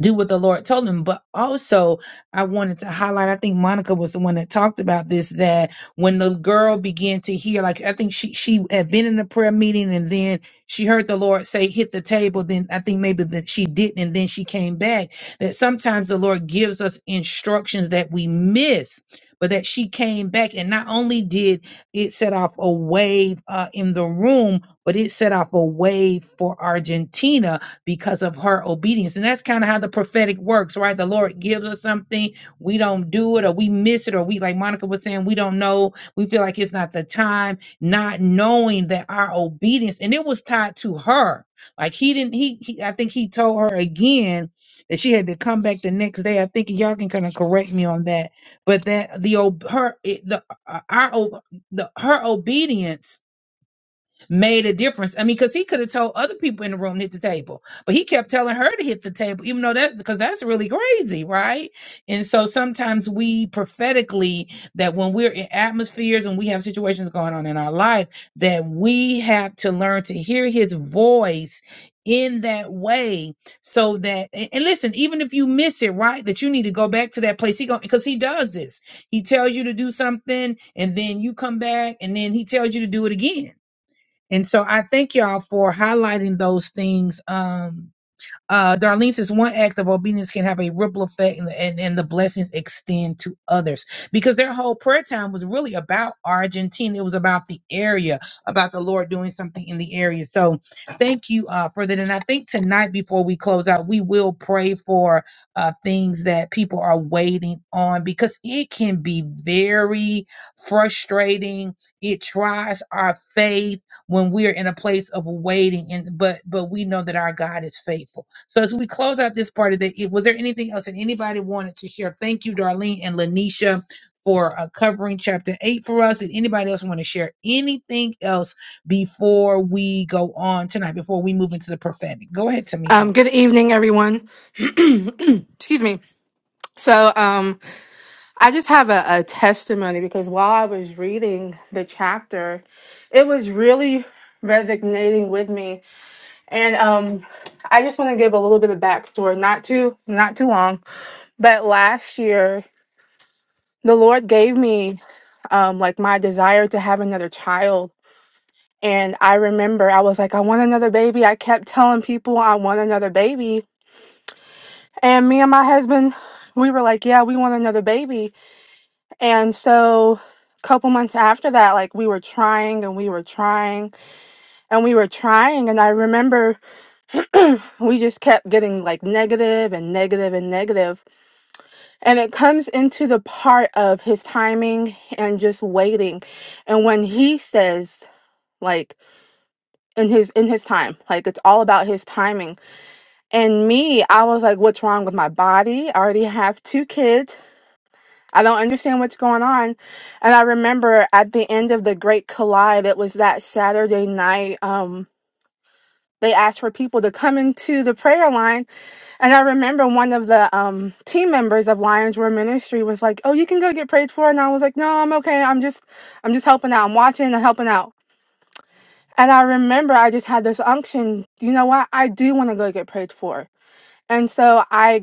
A: do what the Lord told him. But also, I wanted to highlight, I think Monica was the one that talked about this, that when the girl began to hear, like, I think she, she had been in a prayer meeting and then she heard the Lord say, hit the table. Then I think maybe that she didn't. And then she came back that sometimes the Lord gives us instructions that we miss. But that she came back, and not only did it set off a wave uh, in the room, but it set off a wave for Argentina because of her obedience. And that's kind of how the prophetic works, right? The Lord gives us something, we don't do it, or we miss it, or we, like Monica was saying, we don't know, we feel like it's not the time, not knowing that our obedience, and it was tied to her. Like he didn't, he, he I think he told her again that she had to come back the next day. I think y'all can kind of correct me on that, but that the ob- her it, the uh, our o- the her obedience made a difference. I mean, because he could have told other people in the room to hit the table, but he kept telling her to hit the table, even though that because that's really crazy, right? And so sometimes we prophetically that when we're in atmospheres and we have situations going on in our life, that we have to learn to hear his voice in that way so that and and listen even if you miss it right that you need to go back to that place he go because he does this he tells you to do something and then you come back and then he tells you to do it again and so I thank y'all for highlighting those things. Um, uh, Darlene says one act of obedience can have a ripple effect and, and, and the blessings extend to others because their whole prayer time was really about Argentina. It was about the area, about the Lord doing something in the area. So thank you uh, for that. And I think tonight, before we close out, we will pray for uh, things that people are waiting on because it can be very frustrating. It tries our faith when we are in a place of waiting and but but we know that our God is faithful. So as we close out this part of the it- was there anything else that anybody wanted to share? Thank you, Darlene and Lanisha for uh, covering chapter 8 for us and anybody else want to share anything else before we go on tonight before we move into the prophetic. Go ahead, Tamika.
G: Um, good evening, everyone. Excuse me. So, um, I just have a, a testimony because while I was reading the chapter, it was really resonating with me, and um, I just want to give a little bit of backstory. Not too, not too long, but last year the Lord gave me um, like my desire to have another child. And I remember I was like, I want another baby. I kept telling people I want another baby And me and my husband, we were like, yeah, we want another baby. And so a couple months after that, like we were trying and we were trying and we were trying. And I remember we just kept getting like negative and negative and negative. And it comes into the part of his timing and just waiting. And when he says, like, in his in his time like it's all about his timing and me i was like what's wrong with my body i already have two kids I don't understand what's going on. And I remember at the end of the Great Collide, it was that Saturday night. Um, they asked for people to come into the prayer line, and I remember one of the um team members of Lions Roar Ministry was like, "Oh, you can go get prayed for," and I was like, "No, I'm okay. I'm just, I'm just helping out. I'm watching. I'm helping out." And I remember I just had this unction. You know what? I do want to go get prayed for. And so I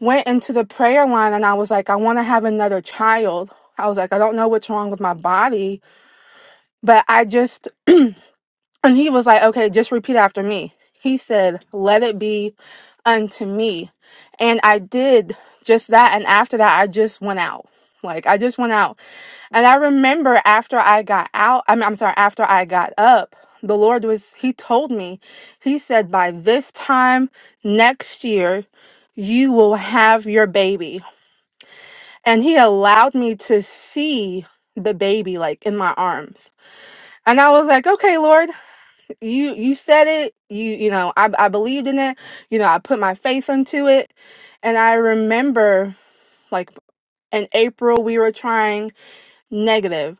G: went into the prayer line and I was like, I want to have another child. I was like, I don't know what's wrong with my body, but I just, and he was like, okay, just repeat after me. He said, let it be unto me. And I did just that. And after that, I just went out. Like, I just went out. And I remember after I got out, I mean, I'm sorry, after I got up, the Lord was, he told me, he said, by this time next year, you will have your baby and he allowed me to see the baby like in my arms and i was like okay lord you you said it you you know i, I believed in it you know i put my faith into it and i remember like in april we were trying negative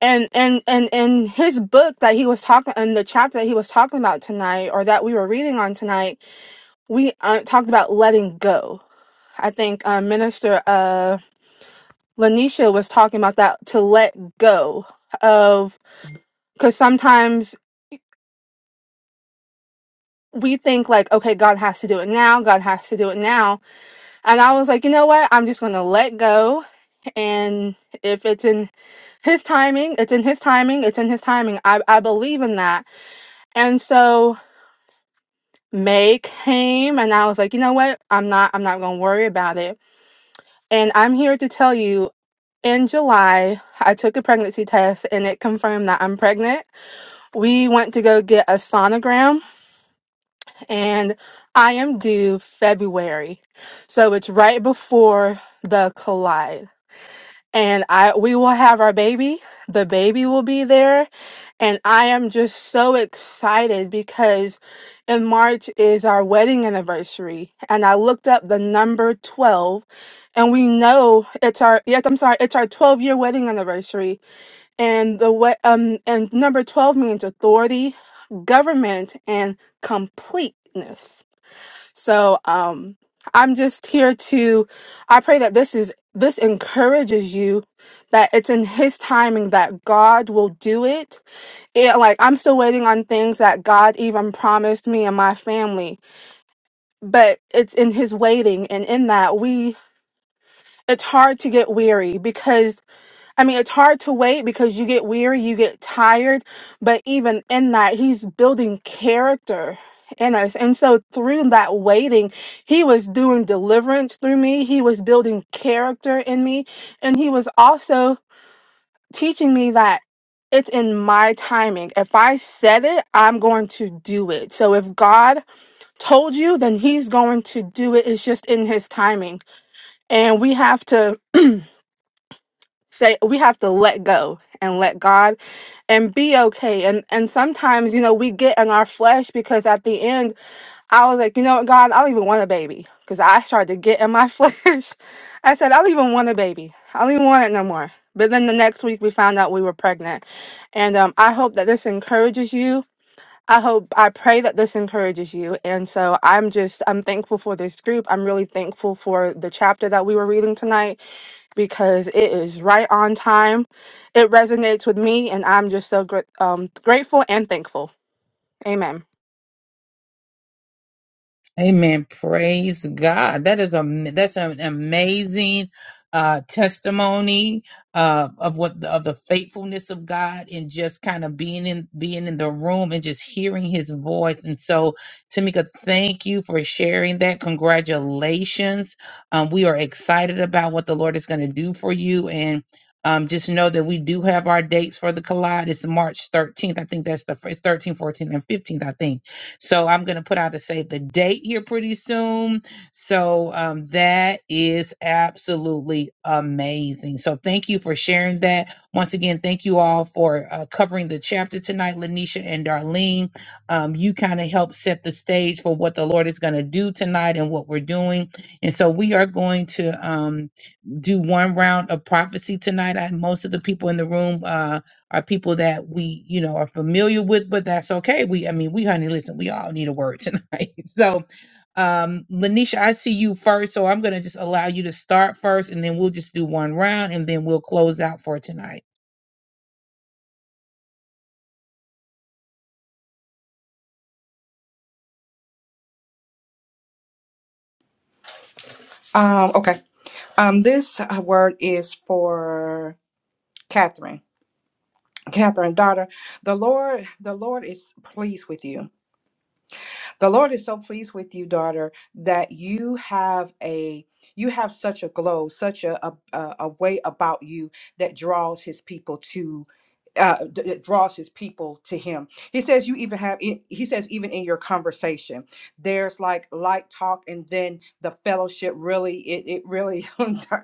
G: and and and in his book that he was talking in the chapter that he was talking about tonight or that we were reading on tonight we uh, talked about letting go i think uh, minister uh Lanisha was talking about that to let go of because sometimes we think like, okay, God has to do it now. God has to do it now. And I was like, you know what? I'm just going to let go. And if it's in his timing, it's in his timing, it's in his timing. I, I believe in that. And so May came and I was like, you know what? I'm not, I'm not going to worry about it. And I'm here to tell you in July, I took a pregnancy test and it confirmed that I'm pregnant. we went to go get a sonogram and I am due February. So it's right before the collide. And I we will have our baby. The baby will be there. And I am just so excited because in March is our wedding anniversary. And I looked up the number 12 and we know it's our yes, I'm sorry, it's our 12 year wedding anniversary and the way um and number 12 means authority government and completeness so um i'm just here to i pray that this is this encourages you that it's in his timing that god will do it and like i'm still waiting on things that god even promised me and my family but it's in his waiting and in that we it's hard to get weary because I mean, it's hard to wait because you get weary, you get tired, but even in that, he's building character in us. And so through that waiting, he was doing deliverance through me, he was building character in me, and he was also teaching me that it's in my timing. If I said it, I'm going to do it. So if God told you, then he's going to do it. It's just in his timing. And we have to say we have to let go and let God and be okay. And and sometimes, you know, we get in our flesh because at the end, I was like, you know what, God, I don't even want a baby. Because I started to get in my flesh. I said, I don't even want a baby. I don't even want it no more. But then the next week we found out we were pregnant. And um, I hope that this encourages you. I hope I pray that this encourages you. And so I'm just I'm thankful for this group. I'm really thankful for the chapter that we were reading tonight because it is right on time. It resonates with me, and I'm just so gr- um, grateful and thankful. Amen.
A: Amen. Praise God. That is a that's an amazing uh, testimony uh, of what of the faithfulness of God and just kind of being in being in the room and just hearing His voice. And so, Tamika, thank you for sharing that. Congratulations. Um, we are excited about what the Lord is going to do for you and. Um, just know that we do have our dates for the collide. It's March 13th. I think that's the it's 13th, 14th, and 15th, I think. So I'm going to put out a save the date here pretty soon. So um, that is absolutely amazing. So thank you for sharing that. Once again, thank you all for uh, covering the chapter tonight, Lanisha and Darlene. Um, you kind of helped set the stage for what the Lord is going to do tonight and what we're doing. And so we are going to um, do one round of prophecy tonight. I, most of the people in the room. uh, are people that we, you know, are familiar with, but that's okay. We, I mean, we, honey, listen, we all need a word tonight. So, um, Lanisha, I see you first, so I'm gonna just allow you to start first, and then we'll just do one round, and then we'll close out for tonight.
C: um okay um this uh, word is for catherine catherine daughter the lord the lord is pleased with you The Lord is so pleased with you, daughter, that you have a you have such a glow, such a a, a a way about you that draws his people to uh d- that draws his people to him. He says you even have in- he says even in your conversation there's like light talk and then the fellowship really it it really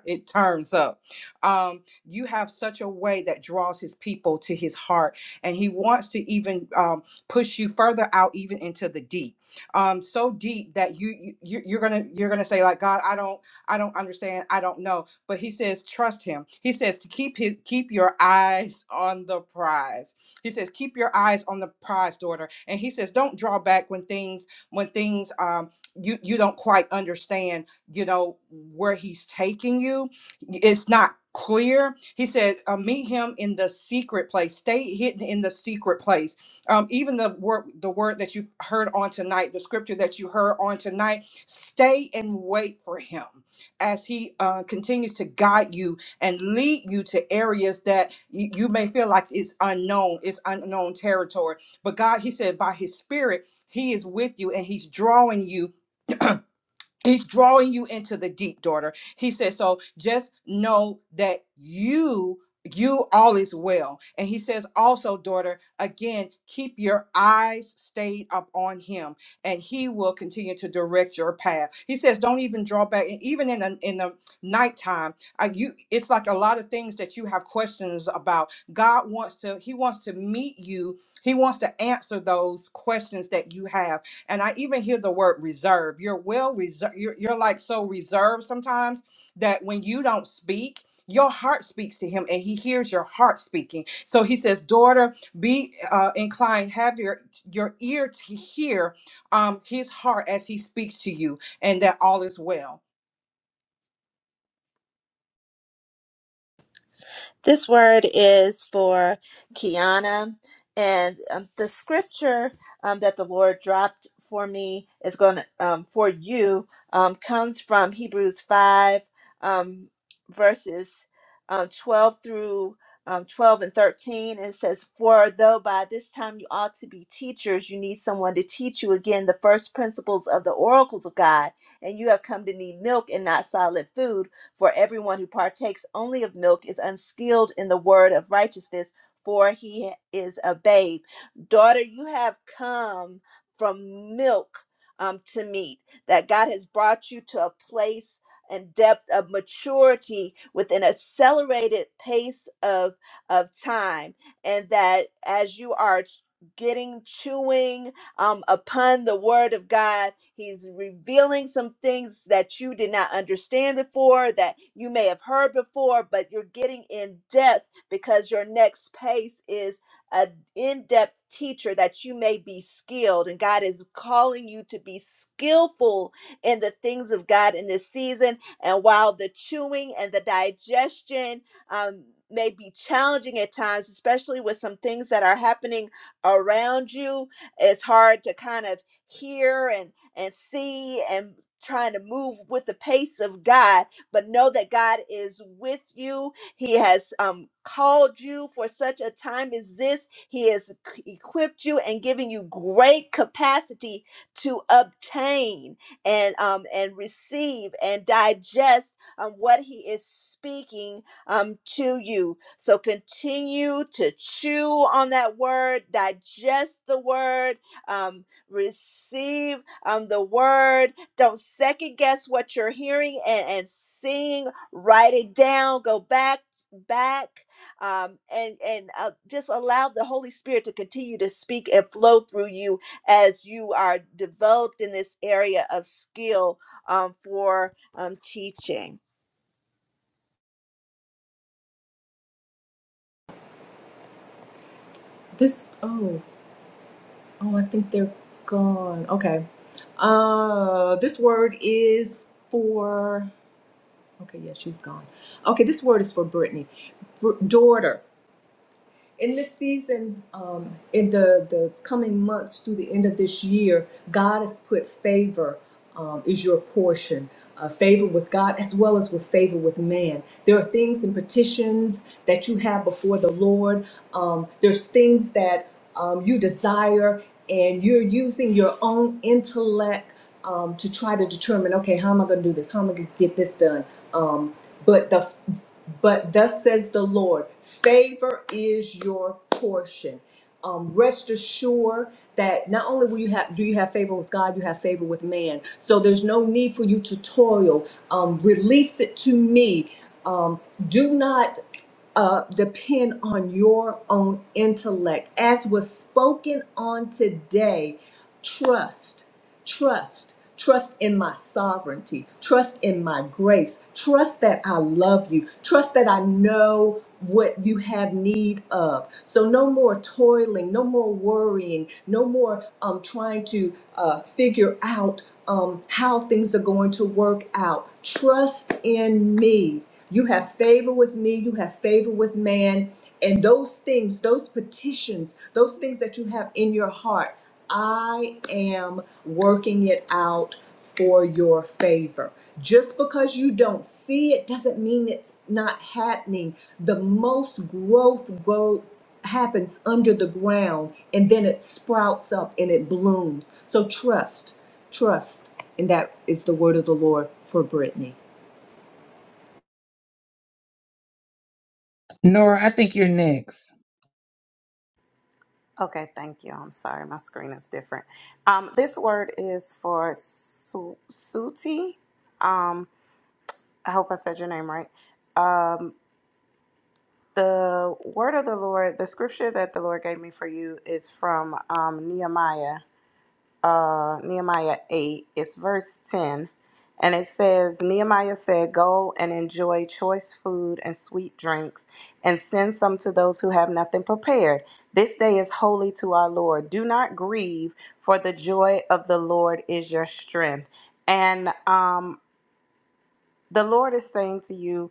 C: it turns up. Um you have such a way that draws his people to his heart and he wants to even um push you further out even into the deep um, so deep that you, you you- are gonna you're gonna say like God, I don't I don't understand, I don't know. But He says trust Him. He says to keep his keep your eyes on the prize. He says keep your eyes on the prize, daughter. And He says don't draw back when things when things um you you don't quite understand you know where He's taking you it's not clear. He said, uh, meet him in the secret place. Stay hidden in the secret place um, even the word, the word that you heard on tonight, the scripture that you heard on tonight, stay and wait for him as he uh, continues to guide you and lead you to areas that you, you may feel like it's unknown, it's unknown territory. But God, he said, by his spirit, he is with you and he's drawing you He's drawing you into the deep, daughter. He says, so just know that you, you all is well. And he says also, daughter, again, keep your eyes stayed up on him and he will continue to direct your path. He says, don't even draw back. And even in the, in the nighttime, uh, you, it's like a lot of things that you have questions about. God wants to, he wants to meet you. He wants to answer those questions that you have and I even hear the word reserve. You're well reserved. You're, you're like so reserved sometimes that when you don't speak, your heart speaks to him and he hears your heart speaking. So he says, Daughter, be uh, inclined, have your, your ear to hear um, his heart as he speaks to you, and that all is well.
B: This word is for Kiana, and um, the scripture um, that the Lord dropped for me is going to um, for you um, comes from Hebrews five um, verses um, twelve through um, twelve and thirteen. It says, "For though by this time you ought to be teachers, you need someone to teach you again the first principles of the oracles of God, and you have come to need milk and not solid food." For everyone who partakes only of milk is unskilled in the word of righteousness, for he is a babe. Daughter, you have come from milk um, to meat, that God has brought you to a place and depth of maturity with an accelerated pace of of time and that as you are getting chewing um, upon the word of God. He's revealing some things that you did not understand before, that you may have heard before, but you're getting in depth because your next pace is an in depth teacher that you may be skilled. And God is calling you to be skillful in the things of God in this season. And while the chewing and the digestion, um, may be challenging at times, especially with some things that are happening around you it's hard to kind of hear and and see and trying to move with the pace of God but know that God is with you he has um called you for such a time as this he has c- equipped you and giving you great capacity to obtain and um and receive and digest um, what he is speaking um, to you. So continue to chew on that word, digest the word, um, receive um, the word. Don't second guess what you're hearing and, and seeing. Write it down. Go back, back. Um, and and uh, just allow the Holy Spirit to continue to speak and flow through you as you are developed in this area of skill um, for um, teaching.
E: This oh oh I think they're gone. Okay. Uh this word is for okay, yeah, she's gone. Okay, this word is for Brittany. Br- daughter. in this season, um, in the, the coming months through the end of this year, God has put favor um, is your portion. Uh, favor with God as well as with favor with man. There are things and petitions that you have before the Lord. Um, there's things that um, you desire, and you're using your own intellect um, to try to determine okay, how am I going to do this? How am I going to get this done? Um, but the but thus says the Lord, favor is your portion. Um, rest assured that not only will you have do you have favor with God, you have favor with man. So there's no need for you to toil. Um, release it to me. Um, do not uh, depend on your own intellect. As was spoken on today, trust. Trust. Trust in my sovereignty. Trust in my grace. Trust that I love you. Trust that I know what you have need of. So no more toiling, no more worrying, no more um, trying to uh, figure out um, how things are going to work out. Trust in me. You have favor with me. You have favor with man. And those things, those petitions, those things that you have in your heart, I am working it out for your favor. Just because you don't see it doesn't mean it's not happening. The most growth go happens under the ground and then it sprouts up and it blooms. So trust, trust. And that is the word of the Lord for Brittany.
A: Nora, I think you're next.
D: okay thank you i'm sorry my screen is different um this word is for su- suti um i hope i said your name right um the word of the lord the scripture that the lord gave me for you is from um nehemiah uh, Nehemiah 8, it's verse 10. And it says, Nehemiah said, Go and enjoy choice food and sweet drinks, and send some to those who have nothing prepared. This day is holy to our Lord. Do not grieve, for the joy of the Lord is your strength. And um, the Lord is saying to you,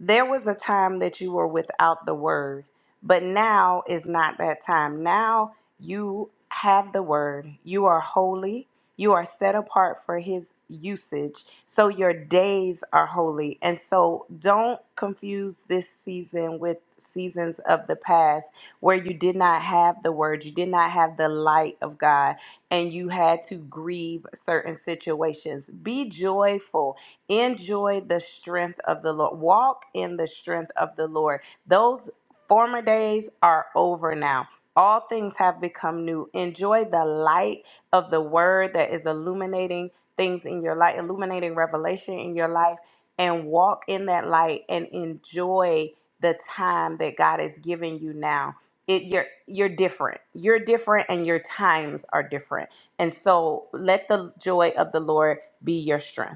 D: there was a time that you were without the word, but now is not that time. Now you have the word. You are holy. You are set apart for his usage. So your days are holy. And so don't confuse this season with seasons of the past where you did not have the word, you did not have the light of God, and you had to grieve certain situations. Be joyful Enjoy the strength of the Lord. Walk in the strength of the Lord. Those former days are over now. All things have become new. Enjoy the light of the word that is illuminating things in your life, illuminating revelation in your life, and walk in that light and enjoy the time that God is giving you now. It, you're you're different. You're different, and your times are different. And so, let the joy of the Lord be your strength.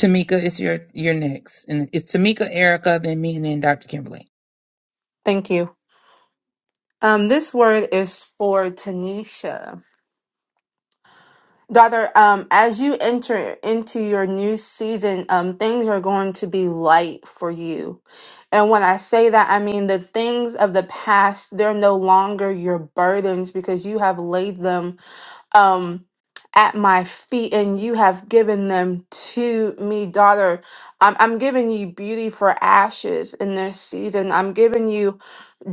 A: Tamika, it's your you're next, and it's Tamika, Erica, then me, and then Dr. Kimberly.
G: Thank you. Um, this word is for Tanisha. Daughter, um, as you enter into your new season, um, things are going to be light for you. And when I say that, I mean the things of the past, they're no longer your burdens because you have laid them um at my feet and you have given them to me daughter I'm, I'm giving you beauty for ashes in this season i'm giving you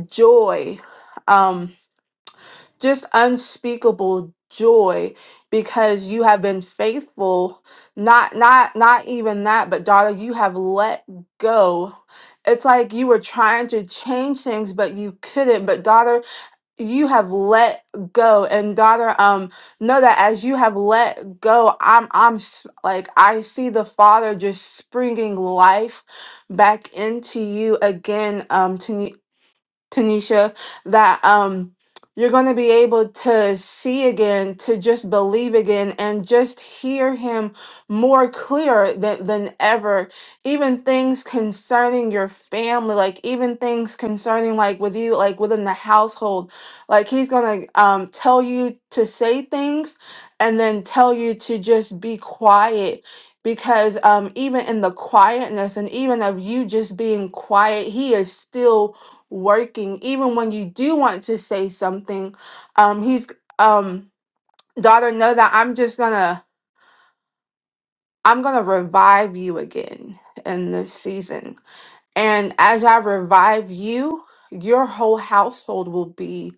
G: joy um just unspeakable joy because you have been faithful not not not even that but daughter you have let go it's like you were trying to change things but you couldn't but daughter you have let go and daughter um know that as you have let go i'm i'm s- like i see the father just springing life back into you again um Tanisha, that um you're going to be able to see again, to just believe again, and just hear him more clear than, than ever. Even things concerning your family, like even things concerning like with you, like within the household, like he's going to um, tell you to say things and then tell you to just be quiet because um, even in the quietness and even of you just being quiet, he is still working even when you do want to say something um he's um daughter know that i'm just gonna i'm gonna revive you again in this season and as i revive you your whole household will be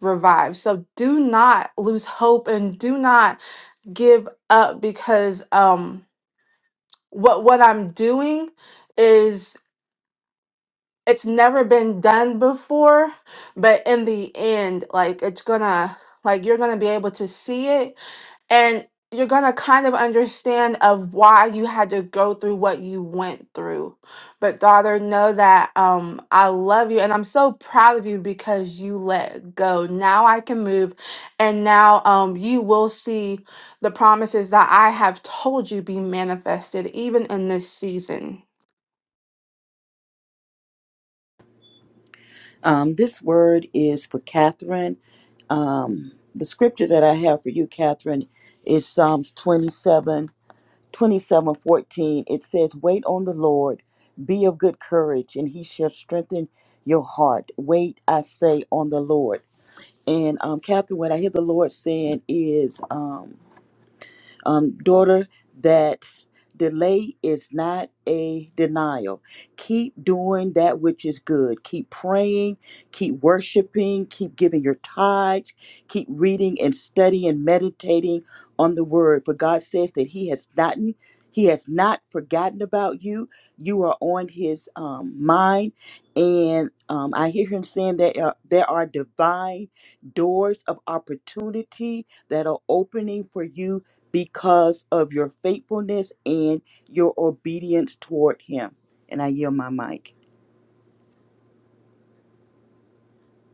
G: revived so do not lose hope and do not give up because um what what i'm doing it's never been done before, but in the end, like it's gonna like you're gonna be able to see it and you're gonna kind of understand of why you had to go through what you went through. But daughter, know that um I love you and I'm so proud of you because you let go. Now I can move and now um you will see the promises that I have told you be manifested even in this season.
H: Um, this word is for Catherine. Um, the scripture that I have for you, Catherine, is Psalms 27, 27, 14. It says, Wait on the Lord, be of good courage, and he shall strengthen your heart. Wait, I say, on the Lord. And um, Catherine, what I hear the Lord saying is, um, um, daughter, that delay is not a denial. Keep doing that which is good. Keep praying, keep worshiping, keep giving your tithes, keep reading and studying, meditating on the word. But God says that He has not, He has not forgotten about you. You are on His um, mind. And um, I hear Him saying that uh, there are divine doors of opportunity that are opening for you because of your faithfulness and your obedience toward Him. And I yield my mic.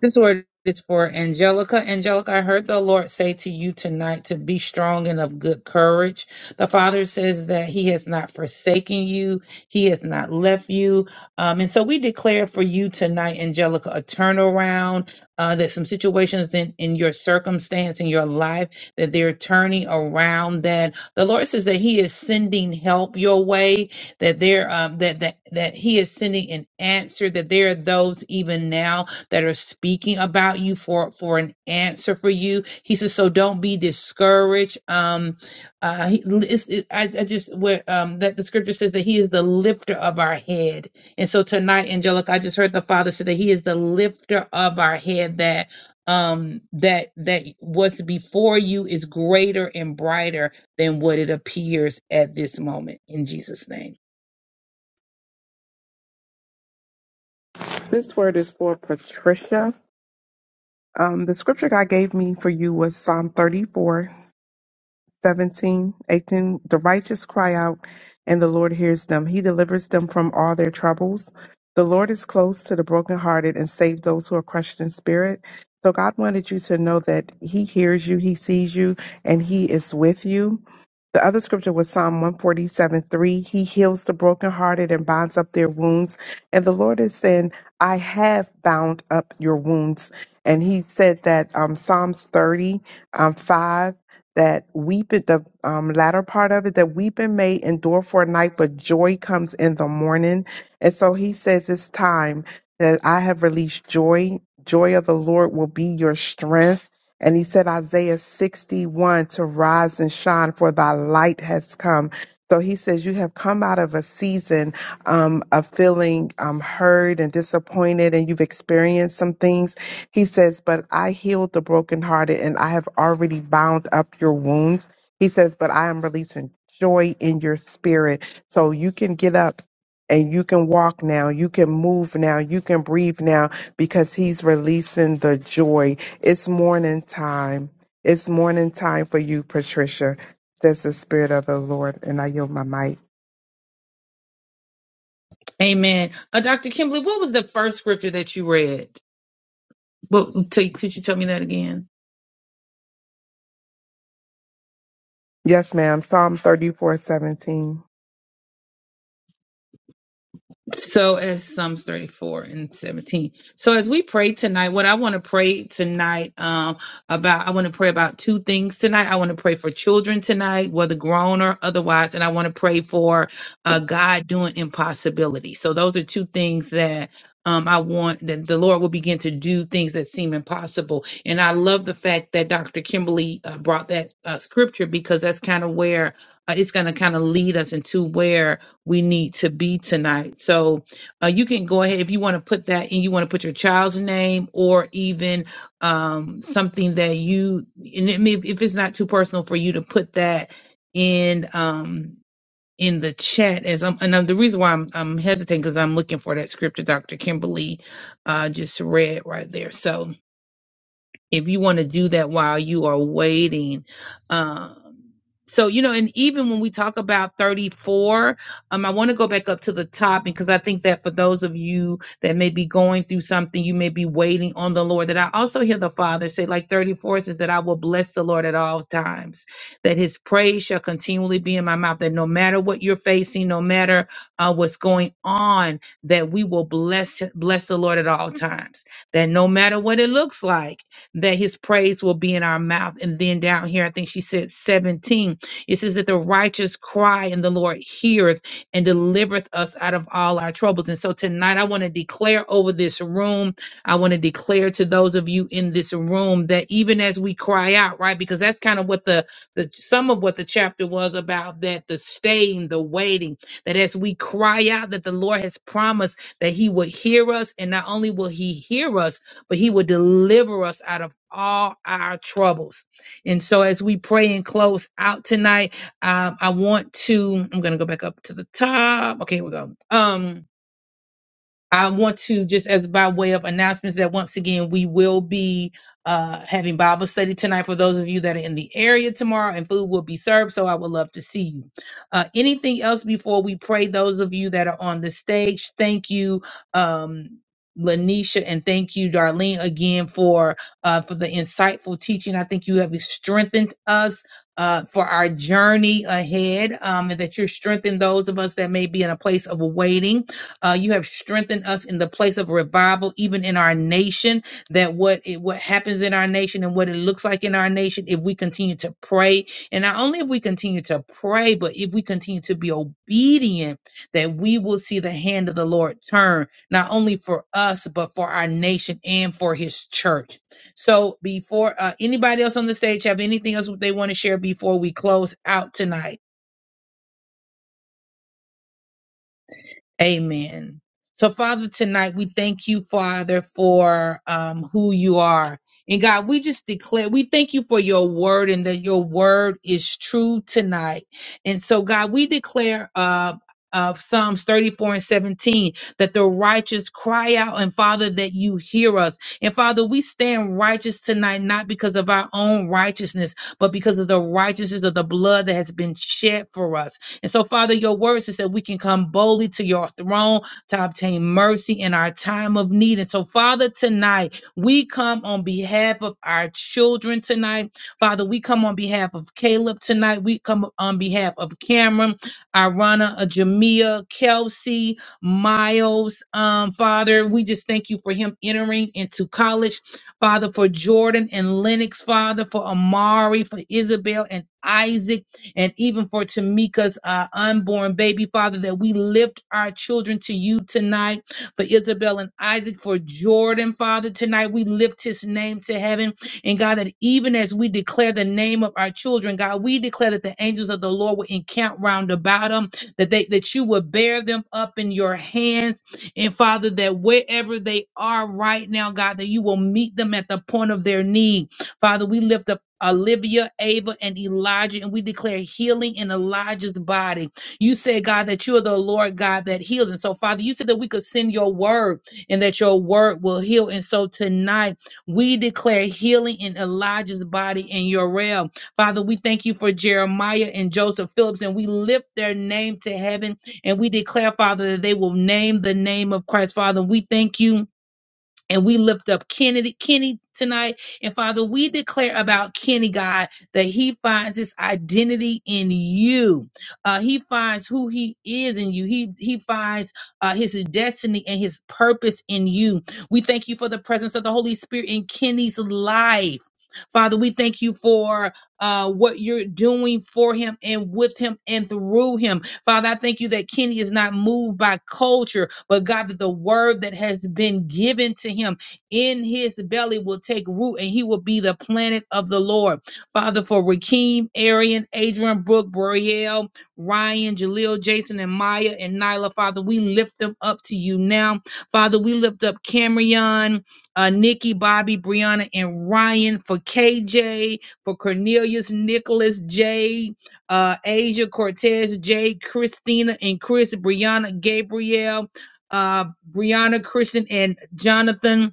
A: This word is for Angelica. Angelica, I heard the Lord say to you tonight to be strong and of good courage. The Father says that He has not forsaken you, He has not left you. Um, and so we declare for you tonight, Angelica, a turnaround, uh, that some situations in, in your circumstance, in your life, that they're turning around, that the Lord says that He is sending help your way, that, there, um, that, that, that He is sending an answer, that there are those even now that are speaking about you for for an answer for you. He says, so don't be discouraged. Um, uh, he, it's, it, I, I just where um that the scripture says that he is the lifter of our head, and so tonight, Angelica, I just heard the Father say that he is the lifter of our head. That um that that what's before you is greater and brighter than what it appears at this moment. In Jesus' name.
F: This word is for Patricia. Um, the scripture God gave me for you was Psalm thirty-four. 17, 18. The righteous cry out, and the Lord hears them. He delivers them from all their troubles. The Lord is close to the brokenhearted and save those who are crushed in spirit. So God wanted you to know that He hears you, He sees you, and He is with you. The other scripture was Psalm 147 3. He heals the brokenhearted and binds up their wounds. And the Lord is saying, I have bound up your wounds. And He said that um, Psalms 30 um, 5 that weeping the um, latter part of it that weeping may endure for a night but joy comes in the morning and so he says it's time that i have released joy joy of the lord will be your strength and he said isaiah 61 to rise and shine for thy light has come so he says you have come out of a season um, of feeling um, hurt and disappointed and you've experienced some things he says, But I healed the brokenhearted and I have already bound up your wounds. He says, But I am releasing joy in your spirit. So you can get up and you can walk now. You can move now. You can breathe now because he's releasing the joy. It's morning time. It's morning time for you, Patricia, says the Spirit of the Lord. And I yield my mic.
A: Amen. Uh, Dr. Kimberly, what was the first scripture that you read? What, t- could you tell me that again?
F: Yes, ma'am. Psalm thirty-four, seventeen.
A: So as Psalms 34 and 17. So as we pray tonight, what I want to pray tonight um about I want to pray about two things tonight. I want to pray for children tonight, whether grown or otherwise, and I want to pray for uh God doing impossibility. So those are two things that um, I want that the Lord will begin to do things that seem impossible. And I love the fact that Dr. Kimberly uh, brought that uh, scripture because that's kind of where uh, it's going to kind of lead us into where we need to be tonight. So uh, you can go ahead if you want to put that in. You want to put your child's name or even um, something that you and it may, if it's not too personal for you to put that in um, in the chat. As I'm, and um, the reason why I'm, I'm hesitating because I'm looking for that scripture Dr. Kimberly uh, just read right there. So if you want to do that while you are waiting. Um, so you know, and even when we talk about 34, um, I want to go back up to the top because I think that for those of you that may be going through something, you may be waiting on the Lord. That I also hear the Father say, like 34 says, that I will bless the Lord at all times, that His praise shall continually be in my mouth. That no matter what you're facing, no matter uh, what's going on, that we will bless bless the Lord at all times. That no matter what it looks like that his praise will be in our mouth. And then down here, I think she said 17, it says that the righteous cry and the Lord heareth and delivereth us out of all our troubles. And so tonight, I want to declare over this room, I want to declare to those of you in this room that even as we cry out, right? Because that's kind of what the, the some of what the chapter was about that the staying, the waiting, that as we cry out, that the Lord has promised that he would hear us. And not only will he hear us, but he will deliver us out of all our troubles. And so as we pray and close out tonight, um, I want to, I'm going to go back up to the top. Okay, here we go. Um, I want to just as by way of announcements that once again we will be uh, having Bible study tonight for those of you that are in the area tomorrow, and food will be served. So I would love to see you. Uh, anything else before we pray? Those of you that are on the stage, thank you, um, Lanisha, and thank you, Darlene, again for uh, for the insightful teaching. I think you have strengthened us. Uh, for our journey ahead, um, and that you're strengthening those of us that may be in a place of waiting uh, you have strengthened us in the place of revival, even in our nation. That what it, what happens in our nation and what it looks like in our nation, if we continue to pray, and not only if we continue to pray, but if we continue to be obedient, that we will see the hand of the Lord turn not only for us but for our nation and for His church. So, before uh, anybody else on the stage have anything else they want to share before we close out tonight. Amen. So, Father, tonight we thank you, Father, for um, who you are. And God, we just declare, we thank you for your word and that your word is true tonight. And so, God, we declare uh, of Psalms 34 and 17 that the righteous cry out, and Father, that you hear us. And Father, we stand righteous tonight, not because of our own righteousness, but because of the righteousness of the blood that has been shed for us. And so, Father, your words is that we can come boldly to your throne to obtain mercy in our time of need. And so, Father, tonight we come on behalf of our children tonight. Father, we come on behalf of Caleb tonight. We come on behalf of Cameron, Irana, uh, Jamia, Kelsey, Miles. Um, Father, we just thank you for him entering into college. Father, for Jordan and Lennox, Father, for Amari, for Isabel and Isaac and even for Tamika's uh, unborn baby, Father, that we lift our children to you tonight, for Isabel and Isaac, for Jordan, Father, tonight we lift his name to heaven. And God, that even as we declare the name of our children, God, we declare that the angels of the Lord will encamp round about them, that they that you will bear them up in your hands. And Father, that wherever they are right now, God, that you will meet them at the point of their need. Father, we lift up Olivia, Ava, and Elijah, and we declare healing in Elijah's body. You said, God, that you are the Lord God that heals. And so, Father, you said that we could send your word and that your word will heal. And so, tonight, we declare healing in Elijah's body in your realm. Father, we thank you for Jeremiah and Joseph Phillips, and we lift their name to heaven and we declare, Father, that they will name the name of Christ. Father, we thank you and we lift up Kennedy, Kenny tonight. And Father, we declare about Kenny, God, that he finds his identity in you. Uh, he finds who he is in you. He he finds uh, his destiny and his purpose in you. We thank you for the presence of the Holy Spirit in Kenny's life. Father, we thank you for uh, what you're doing for him and with him and through him. Father, I thank you that Kenny is not moved by culture, but God, that the word that has been given to him in his belly will take root and he will be the planet of the Lord. Father, for Rakeem, Arian, Adrian, Brooke, Brielle, Ryan, Jaleel, Jason, and Maya, and Nyla, Father, we lift them up to you now. Father, we lift up Camryon, uh, Nikki, Bobby, Brianna, and Ryan for KJ, for Cornelius, Nicholas, Jay uh, Asia Cortez, Jay, Christina, and Chris, Brianna, Gabrielle, uh, Brianna, Christian, and Jonathan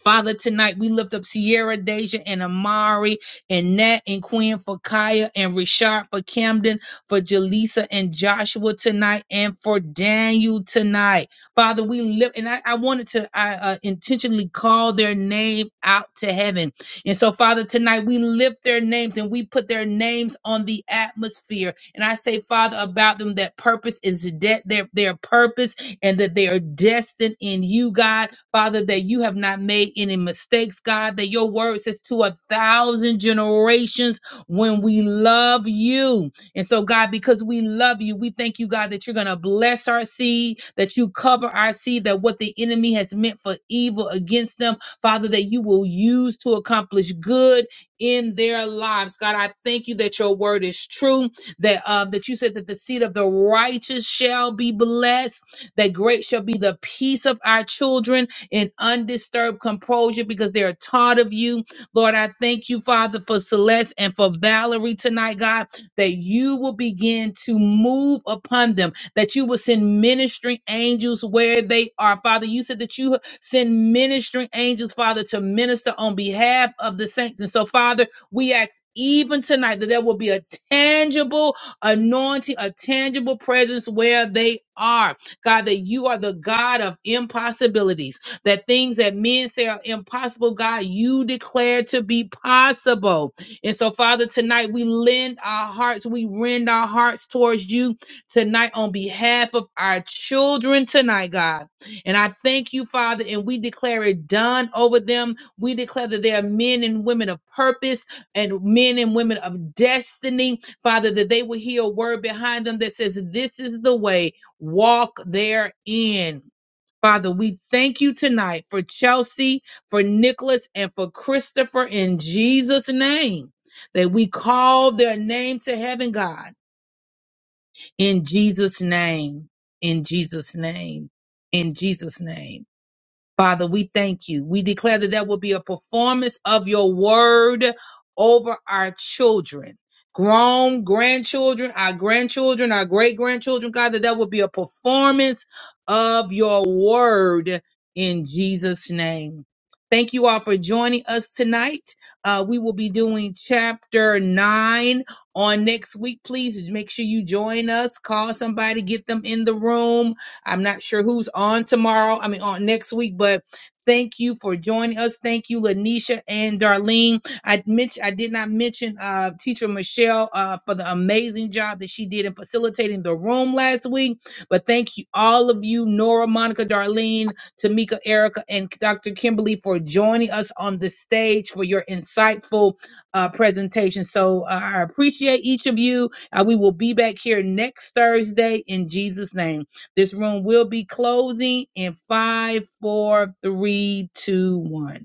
A: Father, tonight we lift up Sierra, Deja, and Amari, and Nat, and Quinn for Kaya, and Richard for Camden, for Jaleesa and Joshua tonight, and for Daniel tonight. Father, we lift, and I, I wanted to I, uh, intentionally call their name out to heaven. And so, Father, tonight we lift their names and we put their names on the atmosphere. And I say, Father, about them that purpose is dead, their, their purpose and that they are destined in you, God. Father, that you have not made any mistakes, God, that your word says to a thousand generations when we love you. And so, God, because we love you, we thank you, God, that you're going to bless our seed, that you cover our seed, that what the enemy has meant for evil against them, Father, that you will use to accomplish good in their lives. God, I thank you that your word is true, that uh, that you said that the seed of the righteous shall be blessed that great shall be the peace of our children in undisturbed composure because they are taught of you. Lord, I thank you, Father, for Celeste and for Valerie tonight, God, that you will begin to move upon them, that you will send ministering angels where they are. Father, you said that you send ministering angels, Father, to minister on behalf of the saints. And so, Father, we ask even tonight that there will be a tangible anointing, a tangible presence where they are God, that you are the God of impossibilities, that things that men say are impossible, God, you declare to be possible. And so, Father, tonight we lend our hearts, we rend our hearts towards you tonight on behalf of our children tonight, God. And I thank you, Father, and we declare it done over them. We declare that they are men and women of purpose and men and women of destiny, Father, that they will hear a word behind them that says, This is the way walk therein. Father, we thank you tonight for Chelsea, for Nicholas, and for Christopher in Jesus' name. That we call their name to heaven, God, in Jesus' name, in Jesus' name, in Jesus' name. Father, we thank you. We declare that there will be a performance of your word over our children, grown grandchildren, our grandchildren, our great grandchildren, God, that there will be a performance of your word in Jesus' name. Thank you all for joining us tonight. Uh, we will be doing chapter nine on next week. Please make sure you join us, call somebody, get them in the room I'm not sure who's on tomorrow. I mean, on next week, but thank you for joining us. Thank you, Lanisha and Darlene. I mentioned I did not mention uh, teacher Michelle uh, for the amazing job that she did in facilitating the room last week. But thank you all of you, Nora, Monica, Darlene, Tamika, Erica, and Dr. Kimberly for joining us on the stage for your insightful uh, presentation. So uh, I appreciate each of you. Uh, we will be back here next Thursday in Jesus' name. This room will be closing in five, four, three, two, one.